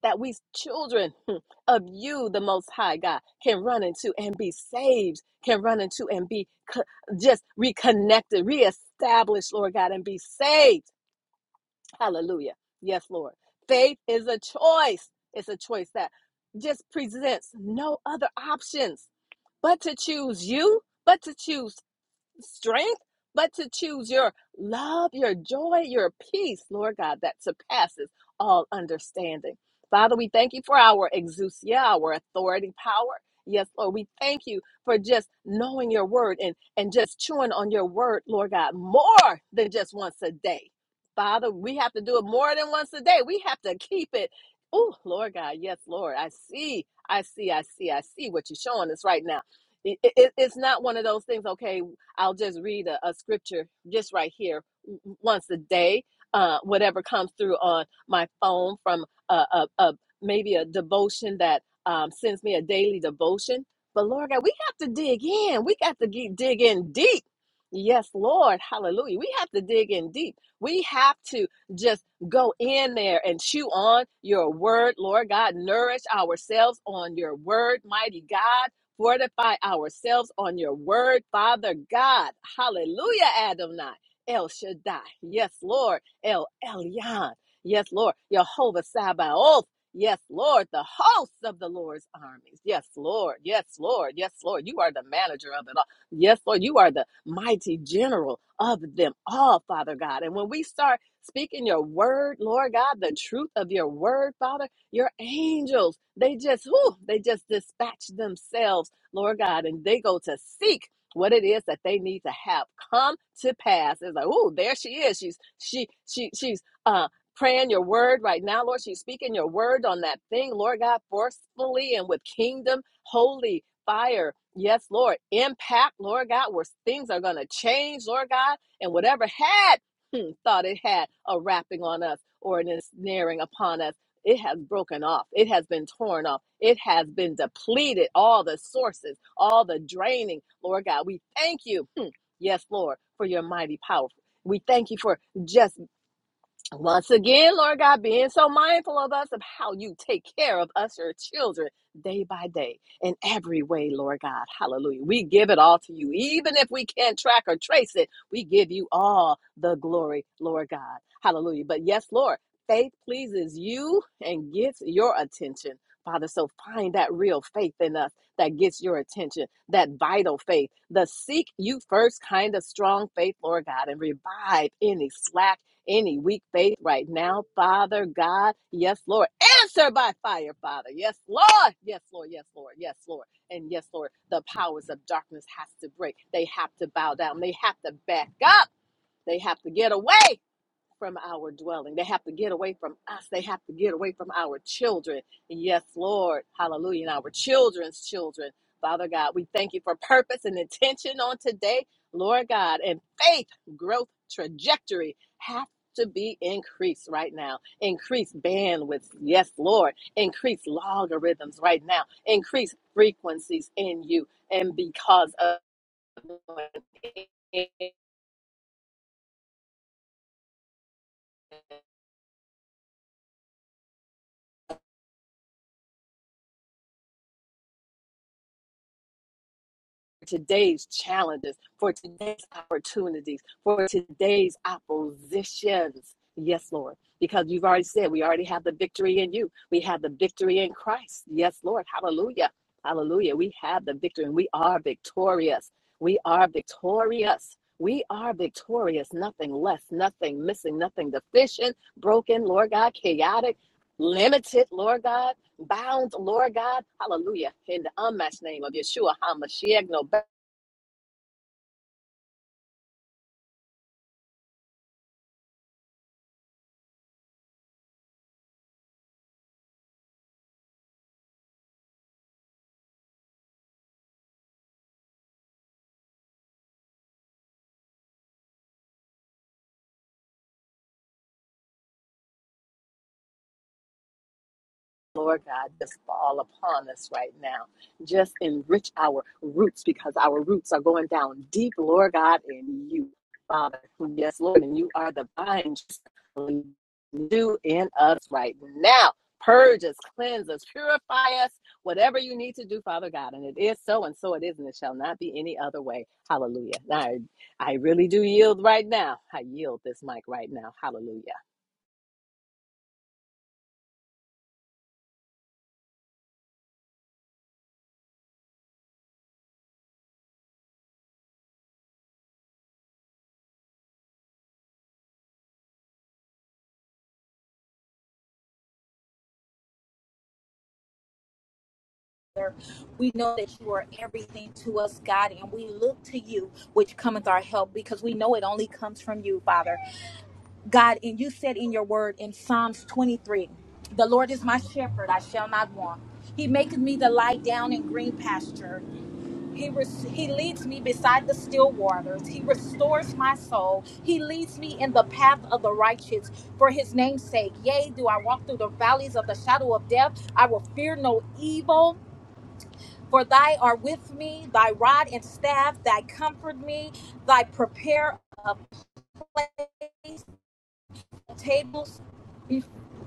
Speaker 2: that we children of you, the Most High God, can run into and be saved, can run into and be co- just reconnected, reestablished, Lord God, and be saved. Hallelujah. Yes, Lord. Faith is a choice. It's a choice that just presents no other options but to choose you, but to choose strength, but to choose your love, your joy, your peace, Lord God, that surpasses all understanding. Father, we thank you for our exousia, our authority, power. Yes, Lord, we thank you for just knowing your word and, and just chewing on your word, Lord God, more than just once a day. Father, we have to do it more than once a day. We have to keep it. Oh, Lord God, yes, Lord, I see, I see, I see, I see what you're showing us right now it, it- it's not one of those things okay I'll just read a, a scripture just right here once a day, uh, whatever comes through on my phone from a, a, a maybe a devotion that um, sends me a daily devotion. But Lord God, we have to dig in. We got to ge- dig in deep. Yes, Lord, hallelujah. We have to dig in deep. We have to just go in there and chew on your word, Lord God. Nourish ourselves on your word, mighty God fortify ourselves on your word, Father God. Hallelujah, Adonai. El Shaddai. Yes, Lord. El Elyon. Yes, Lord. Jehovah Sabaoth. Yes, Lord. The hosts of the Lord's armies. Yes, Lord. Yes, Lord. Yes, Lord. You are the manager of it all. Yes, Lord. You are the mighty general of them all, Father God. And when we start speaking your word, Lord God, the truth of your word, Father, your angels, they just, whew, they just dispatch themselves, Lord God, and they go to seek what it is that they need to have come to pass. It's like, oh, there she is. She's she she she's uh praying your word right now, Lord. She's speaking your word on that thing, Lord God, forcefully and with kingdom holy fire. Yes, Lord. Impact, Lord God, where things are going to change, Lord God, and whatever had hmm, thought it had a wrapping on us or an ensnaring upon us. It has broken off. It has been torn off. It has been depleted. All the sources, all the draining. Lord God, we thank you. Hmm. Yes, Lord, for your mighty power. We thank you for just once again, Lord God, being so mindful of us, of how you take care of us, your children, day by day, in every way, Lord God. Hallelujah. We give it all to you. Even if we can't track or trace it, we give you all the glory, Lord God. Hallelujah. But yes, Lord, faith pleases you and gets your attention. Father, so find that real faith in us that gets your attention, that vital faith, the seek you first kind of strong faith, Lord God, and revive any slack any weak faith right now, Father God. Yes, Lord. Answer by fire, Father. Yes, Lord. Yes, Lord. Yes, Lord. Yes, Lord. And yes, Lord, the powers of darkness has to break. They have to bow down. They have to back up. They have to get away from our dwelling. They have to get away from us. They have to get away from our children. And yes, Lord, hallelujah, and our children's children. Father God, we thank you for purpose and intention on today, Lord God, and faith growth trajectory have to be increased right now. Increase bandwidth, yes, Lord. Increase logarithms right now. Increase frequencies in you and because of today's challenges, for today's opportunities, for today's oppositions. Yes, Lord. Because you've already said we already have the victory in you. We have the victory in Christ. Yes, Lord. Hallelujah. Hallelujah. We have the victory and we are victorious. We are victorious. We are victorious. Nothing less, nothing missing, nothing deficient, broken, Lord God, chaotic, limited, Lord God bound, Lord God. Hallelujah. In the unmatched name of Yeshua HaMashiach, no Lord God, just fall upon us right now. Just enrich our roots because our roots are going down deep, Lord God, in you, Father. Yes, Lord, and you are the vine. Just Do in us right now. Purge us, cleanse us, purify us, whatever you need to do, Father God. And it is so, and so it is, and it shall not be any other way. Hallelujah. I, I really do yield right now. I yield this mic right now. Hallelujah.
Speaker 3: We know that you are everything to us, God, and we look to you, which cometh our help, because we know it only comes from you, Father. God, and you said in your word in Psalms 23, The Lord is my shepherd, I shall not want. He maketh me to lie down in green pasture. He, res- he leads me beside the still waters. He restores my soul. He leads me in the path of the righteous for his name's sake. Yea, do I walk through the valleys of the shadow of death, I will fear no evil for thy are with me, thy rod and staff, thy comfort me, thy prepare a place, tables,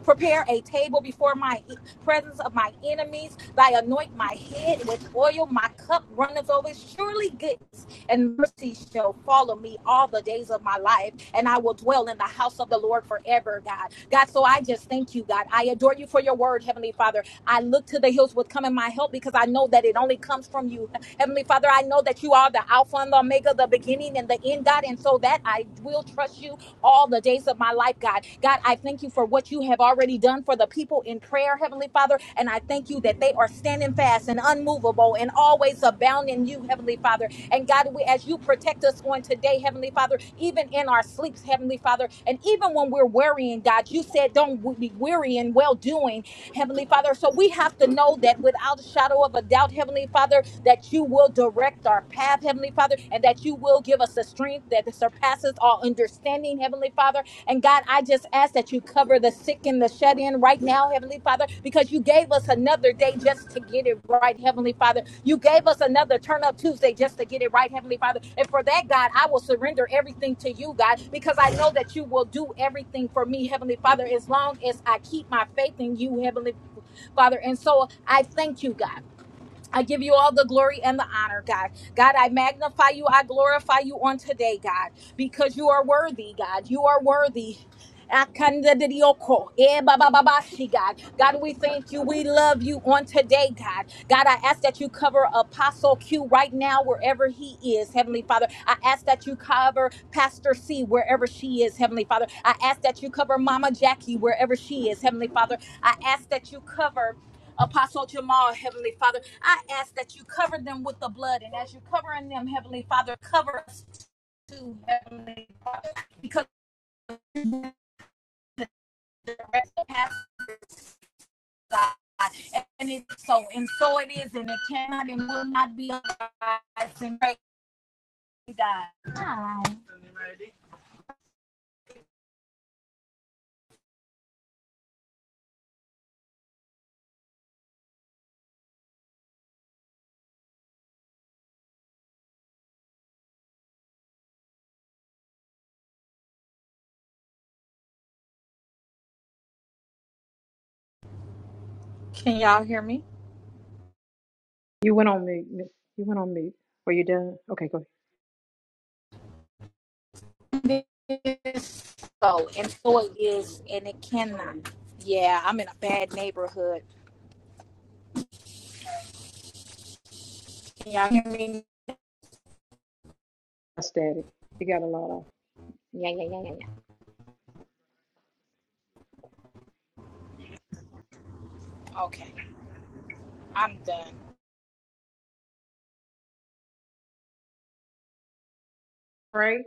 Speaker 3: prepare a table before my e- presence of my enemies. Thy anoint my head with oil, my cup runneth over. Surely goodness and mercy shall follow me all the days of my life, and I will dwell in the house of the Lord forever, God. God, so I just thank you, God. I adore you for your word, Heavenly Father. I look to the hills with coming my help because I know that it only comes from you Heavenly Father, I know that you are the Alpha and the Omega, the beginning and the end, God. And so that I will trust you all the days of my life, God. God, I thank you for what you have already done for the people in prayer, Heavenly Father. And I thank you that they are standing fast and unmovable and always abound in you, Heavenly Father. And God, we, as you protect us on today, Heavenly Father, even in our sleeps, Heavenly Father, and even when we're worrying, God, you said don't be weary in well doing Heavenly Father. So we have to know that without a shadow of a doubt, Heavenly Father, that you will direct our path, Heavenly Father, and that you will give us a strength that surpasses all understanding, Heavenly Father. And God, I just ask that you cover the sick and the shut in right now, Heavenly Father, because you gave us another day just to get it right, Heavenly Father. You gave us another turn up Tuesday just to get it right, Heavenly Father. And for that, God, I will surrender everything to you, God, because I know that you will do everything for me, Heavenly Father, as long as I keep my faith in you, Heavenly Father. And so I thank you, God. I give you all the glory and the honor, God. God, I magnify you. I glorify you on today, God, because you are worthy, God. You are worthy. Akandadidioko. Eh, ba, ba, ba, ba, shi, God, God, we thank you. We love you on today, God. God, I ask that you cover Apostle Q right now, wherever he is, Heavenly Father. I ask that you cover Pastor C, wherever she is, Heavenly Father. I ask that you cover Mama Jackie, wherever she is, Heavenly Father. I ask that you cover Apostle Jamal, Heavenly Father, I ask that you cover them with the blood. And as you're covering them, Heavenly Father, cover us too, Heavenly Father, because the rest of us And it's so, and so it is, and it cannot and will not be otherwise. And praise God. Can y'all hear me?
Speaker 1: You went on mute. You went on mute. Were you done? Okay, go ahead.
Speaker 3: It is So, and so it is, and it cannot. Yeah, I'm in a bad neighborhood. Can y'all hear me?
Speaker 1: I static. You got a lot of. Yeah.
Speaker 3: Okay, I'm done.
Speaker 1: Pray.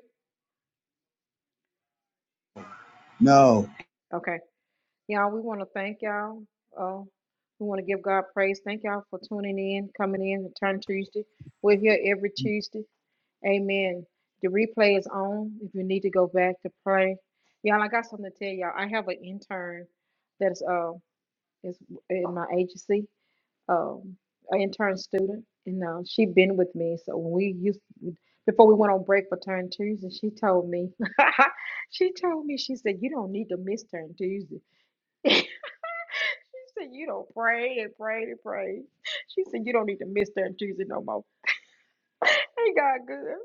Speaker 4: No.
Speaker 1: Okay. Y'all, we want to thank y'all. Uh, we want to give God praise. Thank y'all for tuning in, coming in, Return Tuesday. We're here every Tuesday. Amen. The replay is on if you need to go back to pray. Y'all, I got something to tell y'all. I have an intern that's uh, is in my agency, um, an intern student, and uh, she been with me. So when we used, before we went on break for Turn Tuesday, she told me, she told me, she said, you don't need to miss Turn Tuesday. She said, You don't pray and pray and pray. She said, You don't need to miss that Tuesday no more. Ain't God good?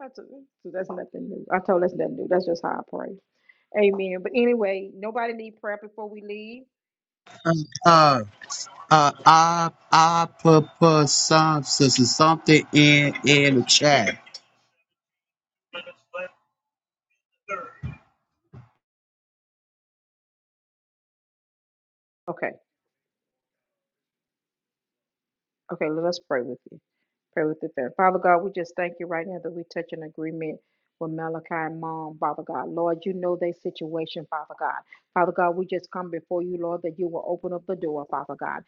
Speaker 1: I told her, so that's nothing new. I told her that's nothing new. That's just how I pray. Amen. But anyway, nobody need prayer before we leave.
Speaker 4: Uh, uh, I, I put, put some, s- s- something in, in the chat.
Speaker 1: Okay. Okay, let us pray with you. Pray with the family. Father God, we just thank you right now that we touch an agreement with Malachi and mom, Father God. Lord, you know their situation, Father God. Father God, we just come before you, Lord, that you will open up the door, Father God,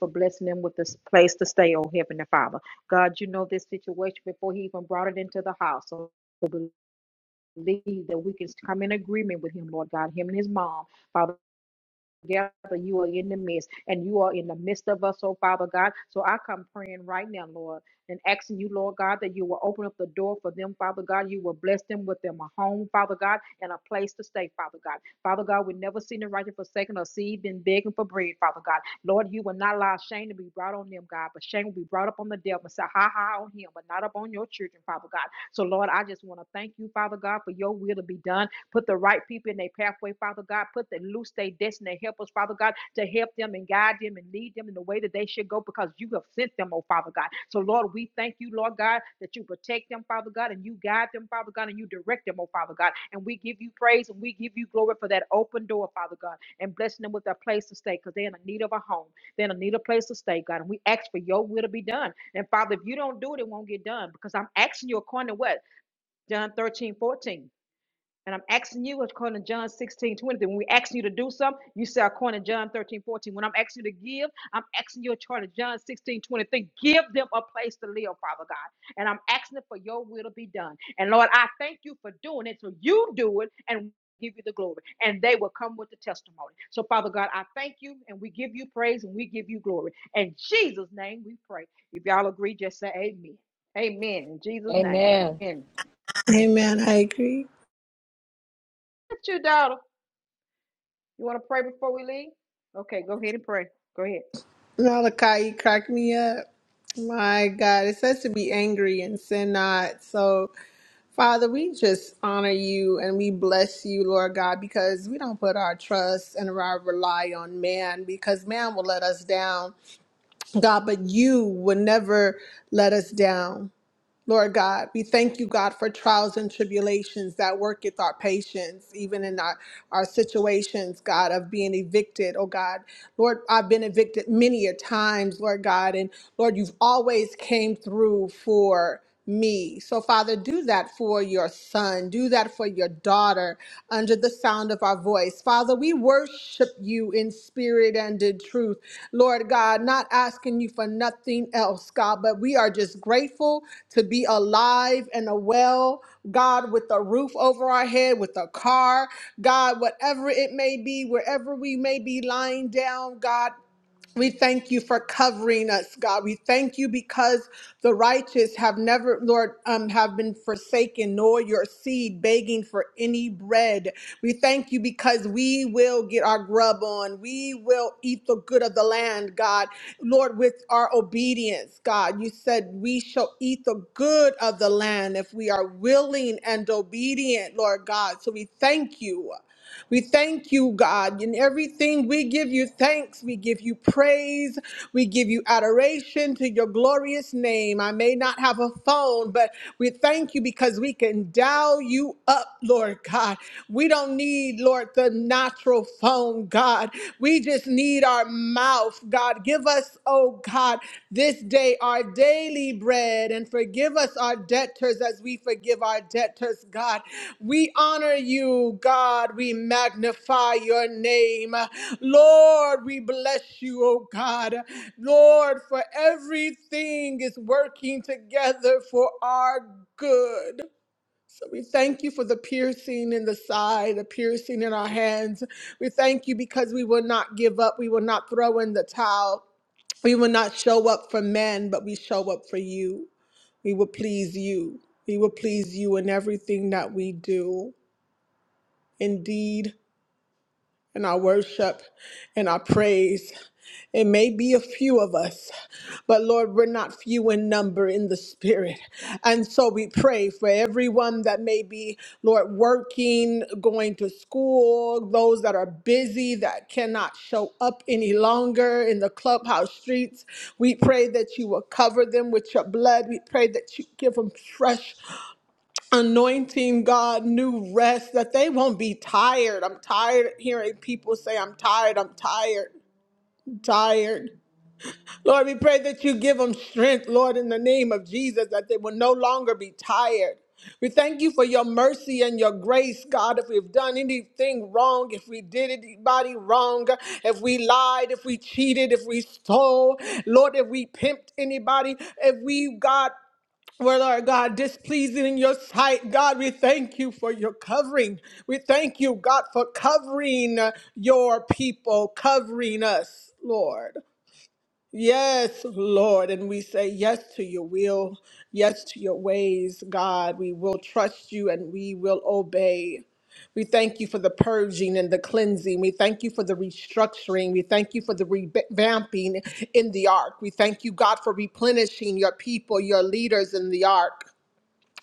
Speaker 1: for blessing them with this place to stay, oh Heavenly Father. God, you know this situation before he even brought it into the house. So we believe that we can come in agreement with him, Lord God, him and his mom. Father together, you are in the midst, and you are in the midst of us, oh Father God. So I come praying right now, Lord, and asking you, Lord God, that you will open up the door for them, Father God. You will bless them with them a home, Father God, and a place to stay, Father God. Father God, we never seen the righteous forsaken or seed been begging for bread, Father God. Lord, you will not allow shame to be brought on them, God, but shame will be brought up on the devil and say, ha ha on him, but not up on your children, Father God. So Lord, I just want to thank you, Father God, for your will to be done Put the right people in their pathway, Father God. Put them loose their destiny helpers, Father God, to help them and guide them and lead them in the way that they should go because you have sent them, oh Father God. So, Lord, we thank you, Lord God, that you protect them, Father God, and you guide them, Father God, and you direct them, oh Father God. And we give you praise and we give you glory for that open door, Father God, and blessing them with a place to stay because they're in need of a home. They're in need of a place to stay, God. And we ask for your will to be done. And Father, if you don't do it, it won't get done because I'm asking you according to what? John 13 14. And I'm asking you according to John 16, twenty, When we ask you to do something, you say according to John 13:14. When I'm asking you to give, I'm asking you according to John 16:23. Give them a place to live, Father God. And I'm asking it for your will to be done. And Lord, I thank you for doing it. So you do it and give you the glory. And they will come with the testimony. So Father God, I thank you and we give you praise and we give you glory. In Jesus' name we pray. If y'all agree, just say amen. Amen. In Jesus' name.
Speaker 2: Amen.
Speaker 1: Amen.
Speaker 5: Amen. I agree.
Speaker 1: That's your daughter. You want to pray before we leave? Okay, go ahead and pray. Go ahead.
Speaker 5: Malachi you crack me up. My God, it says to be angry and sin not. So, Father, we just honor you and we bless you, Lord God, because we don't put our trust and our rely on man because man will let us down, God, but you will never let us down. Lord God, we thank you, God, for trials and tribulations that worketh our patience, even in our, our situations, God, of being evicted. Oh God, Lord, I've been evicted many a times, Lord God, and Lord, you've always came through for me. So Father, do that for your son, do that for your daughter under the sound of our voice. Father, we worship you in spirit and in truth. Lord God, not asking you for nothing else, God, but we are just grateful to be alive and well, God, with a roof over our head, with a car, God, whatever it may be, wherever we may be lying down, God, we thank you for covering us, God. We thank you because the righteous have never, Lord, um, have been forsaken, nor your seed begging for any bread. We thank you because we will get our grub on. We will eat the good of the land, God. Lord, with our obedience, God, you said we shall eat the good of the land if we are willing and obedient, Lord God. So we thank you. We thank you, God. In everything we give you thanks, we give you praise, we give you adoration to your glorious name. I may not have a phone, but we thank you because we can dial you up, Lord God. We don't need, Lord, the natural phone, God. We just need our mouth, God. Give us, oh oh God, this day our daily bread and forgive us our debtors as we forgive our debtors, God. We honor you, God. We magnify your name. Lord, we bless you, oh God. Lord, for everything is working together for our good. So we thank you for the piercing in the side, the piercing in our hands. We thank you because we will not give up. We will not throw in the towel. We will not show up for men, but we show up for you. We will please you. We will please you in everything that we do. Indeed, in our worship, in our praise. It may be a few of us, but Lord, we're not few in number in the spirit. And so we pray for everyone that may be, Lord, working, going to school, those that are busy, that cannot show up any longer in the clubhouse streets. We pray that you will cover them with your blood. We pray that you give them fresh anointing, God, new rest, that they won't be tired. I'm tired of hearing people say, I'm tired, I'm tired, tired. Lord, we pray that you give them strength, Lord, in the name of Jesus, that they will no longer be tired. We thank you for your mercy and your grace, God. If we've done anything wrong, if we did anybody wrong, if we lied, if we cheated, if we stole, Lord, if we pimped anybody, if we, God, were, Lord God, displeasing in your sight, God, we thank you for your covering. We thank you, God, for covering your people, covering us, Lord. Yes, Lord. And we say yes to your will, yes to your ways, God. We will trust you and we will obey. We thank you for the purging and the cleansing. We thank you for the restructuring. We thank you for the revamping in the ark. We thank you, God, for replenishing your people, your leaders in the ark.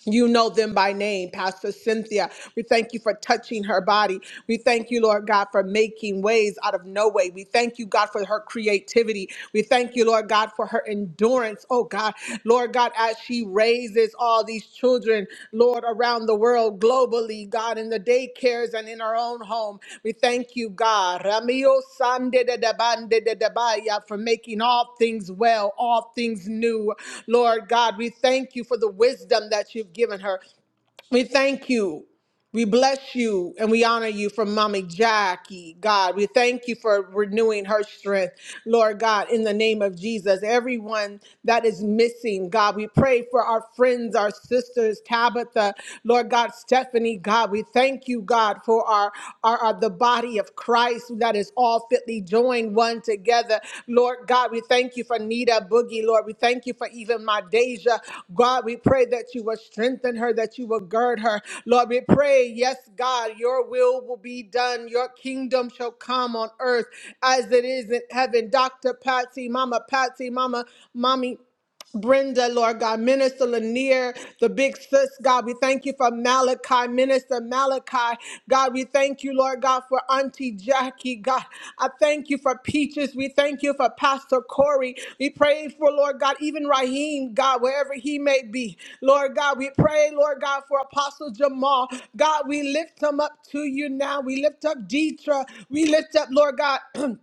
Speaker 5: You know them by name, Pastor Cynthia. We thank you for touching her body. We thank you, Lord God, for making ways out of no way. We thank you, God, for her creativity. We thank you, Lord God, for her endurance. Oh, God. Lord God, as she raises all these children, children, Lord, around the world globally, God, in the daycares and in our own home. We thank you, God, Ramio Sande de de Bande de de Baya, for making all things well, all things new. Lord God, we thank you for the wisdom that you've given her. We thank you. We bless you and we honor you for Mommy Jackie, God. We thank you for renewing her strength, Lord God, in the name of Jesus. Everyone that is missing, God, we pray for our friends, our sisters, Tabitha, Lord God, Stephanie, God. We thank you, God, for our, our, our the body of Christ that is all fitly fitly joined one together. Lord God, we thank you for Nita Boogie, Lord. We thank you for even my Deja. God, we pray that you will strengthen her, that you will gird her. Lord, we pray, yes, God, your will will be done. Your kingdom shall come on earth as it is in heaven. Dr. Patsy, Mama Patsy, Mama, Mommy. Brenda, Lord God, Minister Lanier, the big sis, God, we thank you for Malachi, Minister Malachi. God, we thank you, Lord God, for Auntie Jackie. God, I thank you for Peaches. We thank you for Pastor Corey. We pray for, Lord God, even Raheem, God, wherever he may be. Lord God, we pray, Lord God, for Apostle Jamal. God, we lift him up to you now. We lift up Deidre. We lift up, Lord God.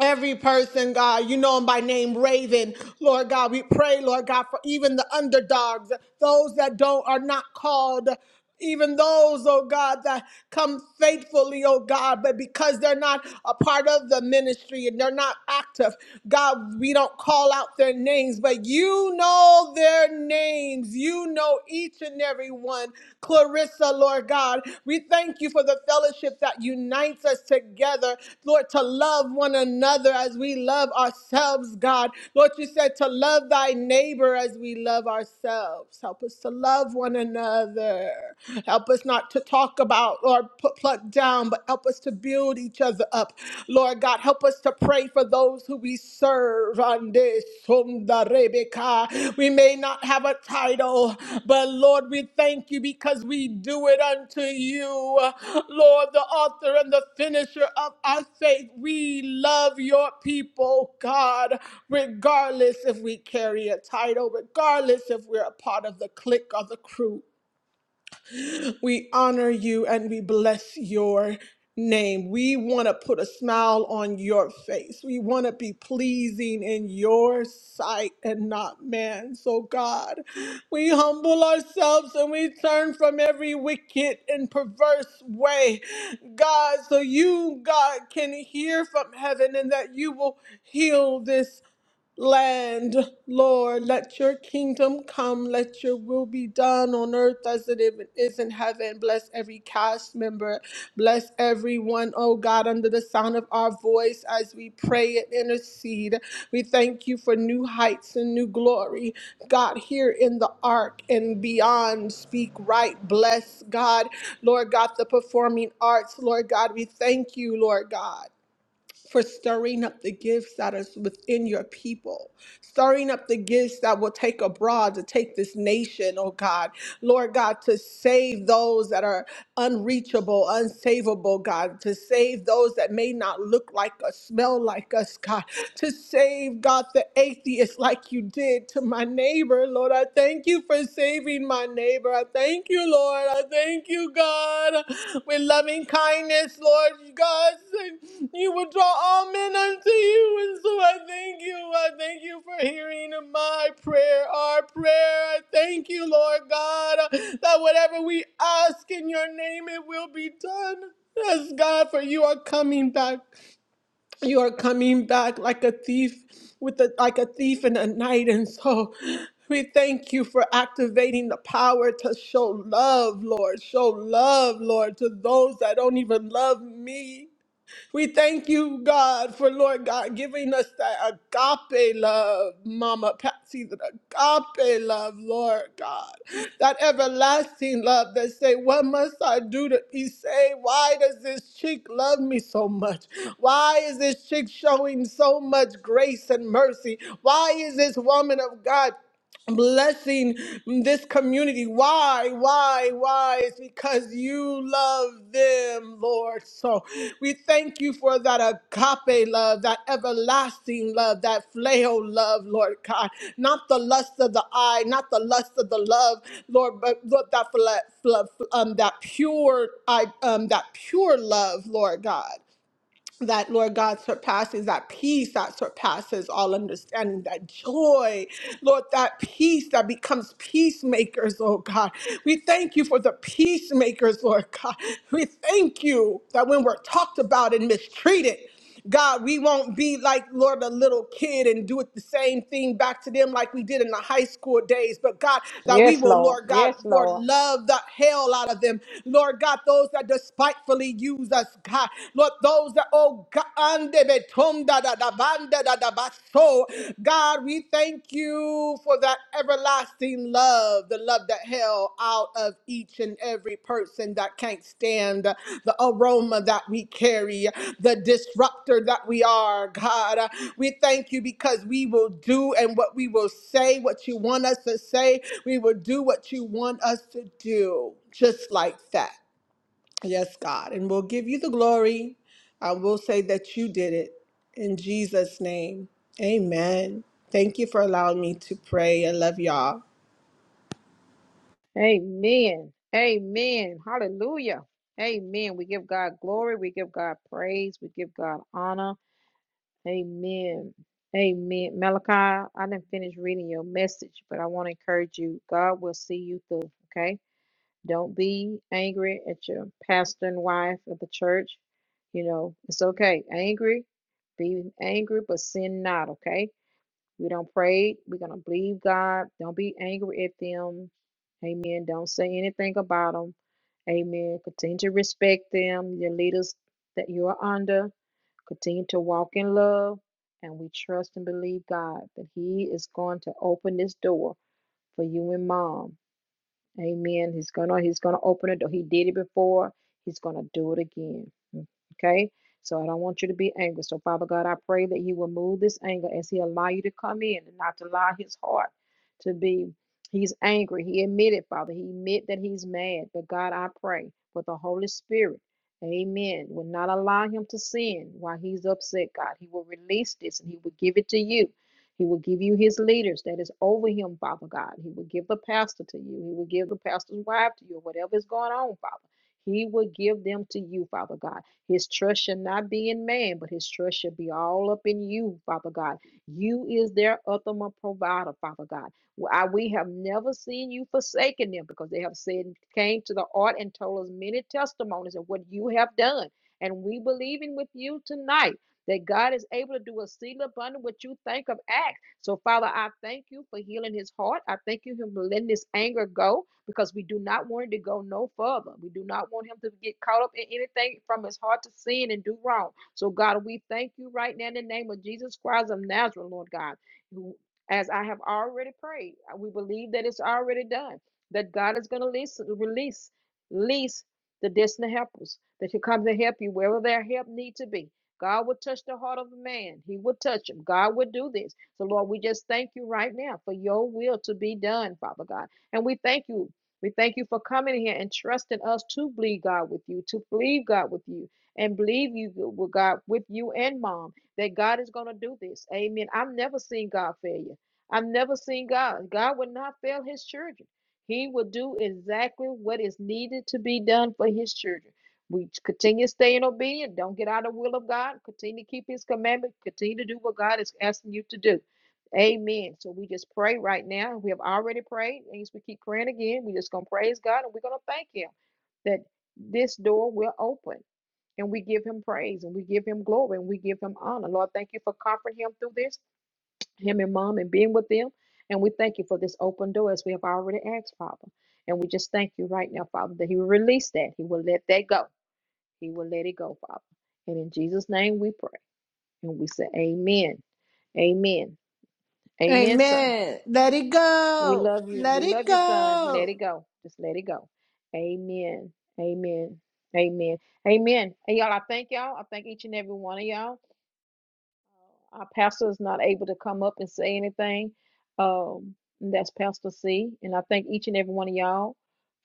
Speaker 5: Every person, God, you know them by name Raven. Lord God, we pray, Lord God, for even the underdogs, those that don't are not called. Even those, oh God, that come faithfully, oh God, but because they're not a part of the ministry and they're not active, God, we don't call out their names, but you know their names. You know each and every everyone. Clarissa, Lord God, we thank you for the fellowship that unites us together, Lord, to love one another as we love ourselves, God. Lord, you said to love thy neighbor as we love ourselves. Help us to love one another. Help us not to talk about or put pluck down, but help us to build each other up. Lord God, help us to pray for those who we serve. Ande sunda rebeka. We may not have a title, but Lord, we thank you because we do it unto you. Lord, the author and the finisher of our faith, we love your people, God, regardless if we carry a title, regardless if we're a part of the clique or the crew. We honor you and we bless your name. We want to put a smile on your face. We want to be pleasing in your sight and not man. So, God, we humble ourselves and we turn from every wicked and perverse way, God, so you, God, can hear from heaven and that you will heal this land. Lord, let your kingdom come. Let your will be done on earth as it even is in heaven. Bless every cast member. Bless everyone, oh God, under the sound of our voice as we pray and intercede. We thank you for new heights and new glory. God, here in the ark and beyond, speak right. Bless God. Lord God, the performing arts. Lord God, we thank you, Lord God for stirring up the gifts that is within your people, stirring up the gifts that will take abroad to take this nation, oh God. Lord God, to save those that are unreachable, unsavable, God, to save those that may not look like us, smell like us, God, to save, God, the atheist like you did to my neighbor, Lord. I thank you for saving my neighbor. I thank you, Lord. I thank you, God, with loving kindness, Lord, God. You would draw all men unto you. And so I thank you. I thank you for hearing my prayer, our prayer. I thank you, Lord God, that whatever we ask in your name, it will be done. Yes, God, for you are coming back. You are coming back like a thief, with a, like a thief in the night. And so we thank you for activating the power to show love, Lord. Show love, Lord, to those that don't even love me. We thank you, God, for Lord God giving us that agape love, Mama Patsy, that agape love, Lord God, that everlasting love that say, What must I do to be saved? Why does this chick love me so much? Why is this chick showing so much grace and mercy? Why is this woman of God? blessing this community. Why? Why? Why? It's because you love them, Lord. So we thank you for that agape love, that everlasting love, that phileo love, Lord God. Not the lust of the eye, not the lust of the love, Lord, but Lord, that phila- phila- um, that pure, I um, that pure love, Lord God that Lord God surpasses that peace that surpasses all understanding, that joy, Lord, that peace that becomes peacemakers, oh God. We thank you for the peacemakers, Lord God. We thank you that when we're talked about and mistreated, God, we won't be like, Lord, a little kid and do it the same thing back to them like we did in the high school days. But God, that we
Speaker 1: Yes,
Speaker 5: will,
Speaker 1: Lord.
Speaker 5: Lord God,
Speaker 1: Yes,
Speaker 5: Lord,
Speaker 1: Lord.
Speaker 5: love the hell out of them. Lord God, those that despitefully use us, God. Lord, those that, oh God, ande betonda da da banda da da baso. God, we thank you for for that everlasting love, the love that held out of each and every person that can't stand the aroma that we carry, the disruptor that we are, God. Uh, We thank you because we will do and what we will say, what you want us to say. We will do what you want us to do, just like that. Yes, God. And we'll give you the glory. I will say that you did it in Jesus' name. Amen. Thank you for allowing me to pray. I love y'all.
Speaker 1: Amen. Amen. Hallelujah. Amen. We give God glory. We give God praise. We give God honor. Amen. Amen. Malachi, I didn't finish reading your message, but I want to encourage you. God will see you through. Okay. Don't be angry at your pastor and wife of the church. You know, it's okay. Angry. Be angry, but sin not. Okay. We don't pray. We're gonna believe God. Don't be angry at them. Amen. Don't say anything about them. Amen. Continue to respect them, your leaders that you are under. Continue to walk in love. And we trust and believe God that He is going to open this door for you and mom. Amen. He's gonna he's gonna open a door. He did it before. He's gonna do it again. Mm, Okay. So I don't want you to be angry. So Father God, I pray that you will move this anger as he allow you to come in and not to allow his heart to be. He's angry. He admitted, Father. He admit that he's mad. But God, I pray for the Holy Spirit. Amen. Will not allow him to sin while he's upset, God. He will release this and he will give it to you. He will give you his leaders that is over him, Father God. He will give the pastor to you. He will give the pastor's wife to you, whatever is going on, Father. He will give them to you, Father God. His trust shall not be in man, but his trust shall be all up in you, Father God. You is their ultimate provider, Father God. W- I- We have never seen you forsaken them because they have said, came to the art and told us many testimonies of what you have done. And we believe in with you tonight that God is able to do a seal abundant what you think of act. So, Father, I thank you for healing his heart. I thank you for letting this anger go because we do not want it to go no further. We do not want him to get caught up in anything from his heart to sin and do wrong. So, God, we thank you right now in the name of Jesus Christ of Nazareth, Lord God. As I have already prayed, uh, we believe that it's already done, that God is going to release, release, release the destiny helpers that should come to help you wherever their help need to be. God would touch the heart of a man. He would touch him. God would do this. So, Lord, we just thank you right now for your will to be done, Father God. And we thank you. We thank you for coming here and trusting us to believe God with you, to believe God with you, and believe you with God with you and mom that God is going to do this. Amen. I've never seen God fail you. I've never seen God. God would not fail his children. He will do exactly what is needed to be done for his children. We continue to stay in obedience. Don't get out of the will of God. Continue to keep his commandment. Continue to do what God is asking you to do. Amen. So we just pray right now. We have already prayed. And as we keep praying again, we're just going to praise God and we're going to thank him that this door will open. And we give him praise and we give him glory and we give him honor. Lord, thank you for comforting him through this, him and mom, and being with them. And we thank you for this open door as we have already asked, Father. And we just thank you right now, Father, that he will release that. He will let that go. He will let it go, Father. And in Jesus' name we pray. And we say, Amen. Amen. Amen, son.
Speaker 5: Amen. Let it
Speaker 1: We
Speaker 5: go.
Speaker 1: love you.
Speaker 5: Let
Speaker 1: We love
Speaker 5: it
Speaker 1: you, son.
Speaker 5: go.
Speaker 1: Let it go. Just let it go. Amen. Amen. Amen. Amen. And y'all, I thank y'all. I thank each and every one of y'all. our pastor is not able to come up and say anything. Um, and that's Pastor C. And I thank each and every one of y'all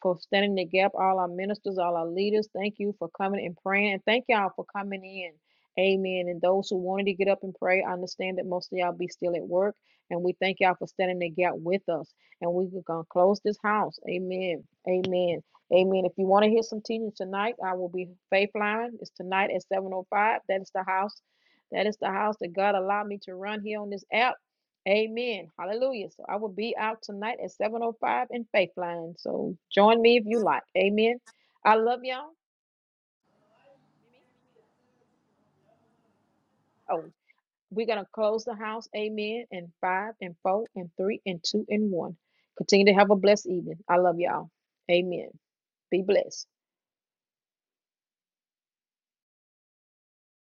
Speaker 1: for standing the gap, all our ministers, all our leaders. Thank you for coming and praying. And thank y'all for coming in. Amen. And those who wanted to get up and pray, I understand that most of y'all be still at work. And we thank y'all for standing the gap with us. And we're going to close this house. Amen. Amen. Amen. If you want to hear some teaching tonight, I will be Faith Line. It's tonight at 7.05. That is the house that is the house that God allowed me to run here on this app. Amen. Hallelujah. So I will be out tonight at 7.05 in Faithline. So join me if you like. Amen. I love y'all. Oh, we're going to close the house. Amen. In five and four and three and two and one. Continue to have a blessed evening. I love y'all. Amen. Be blessed.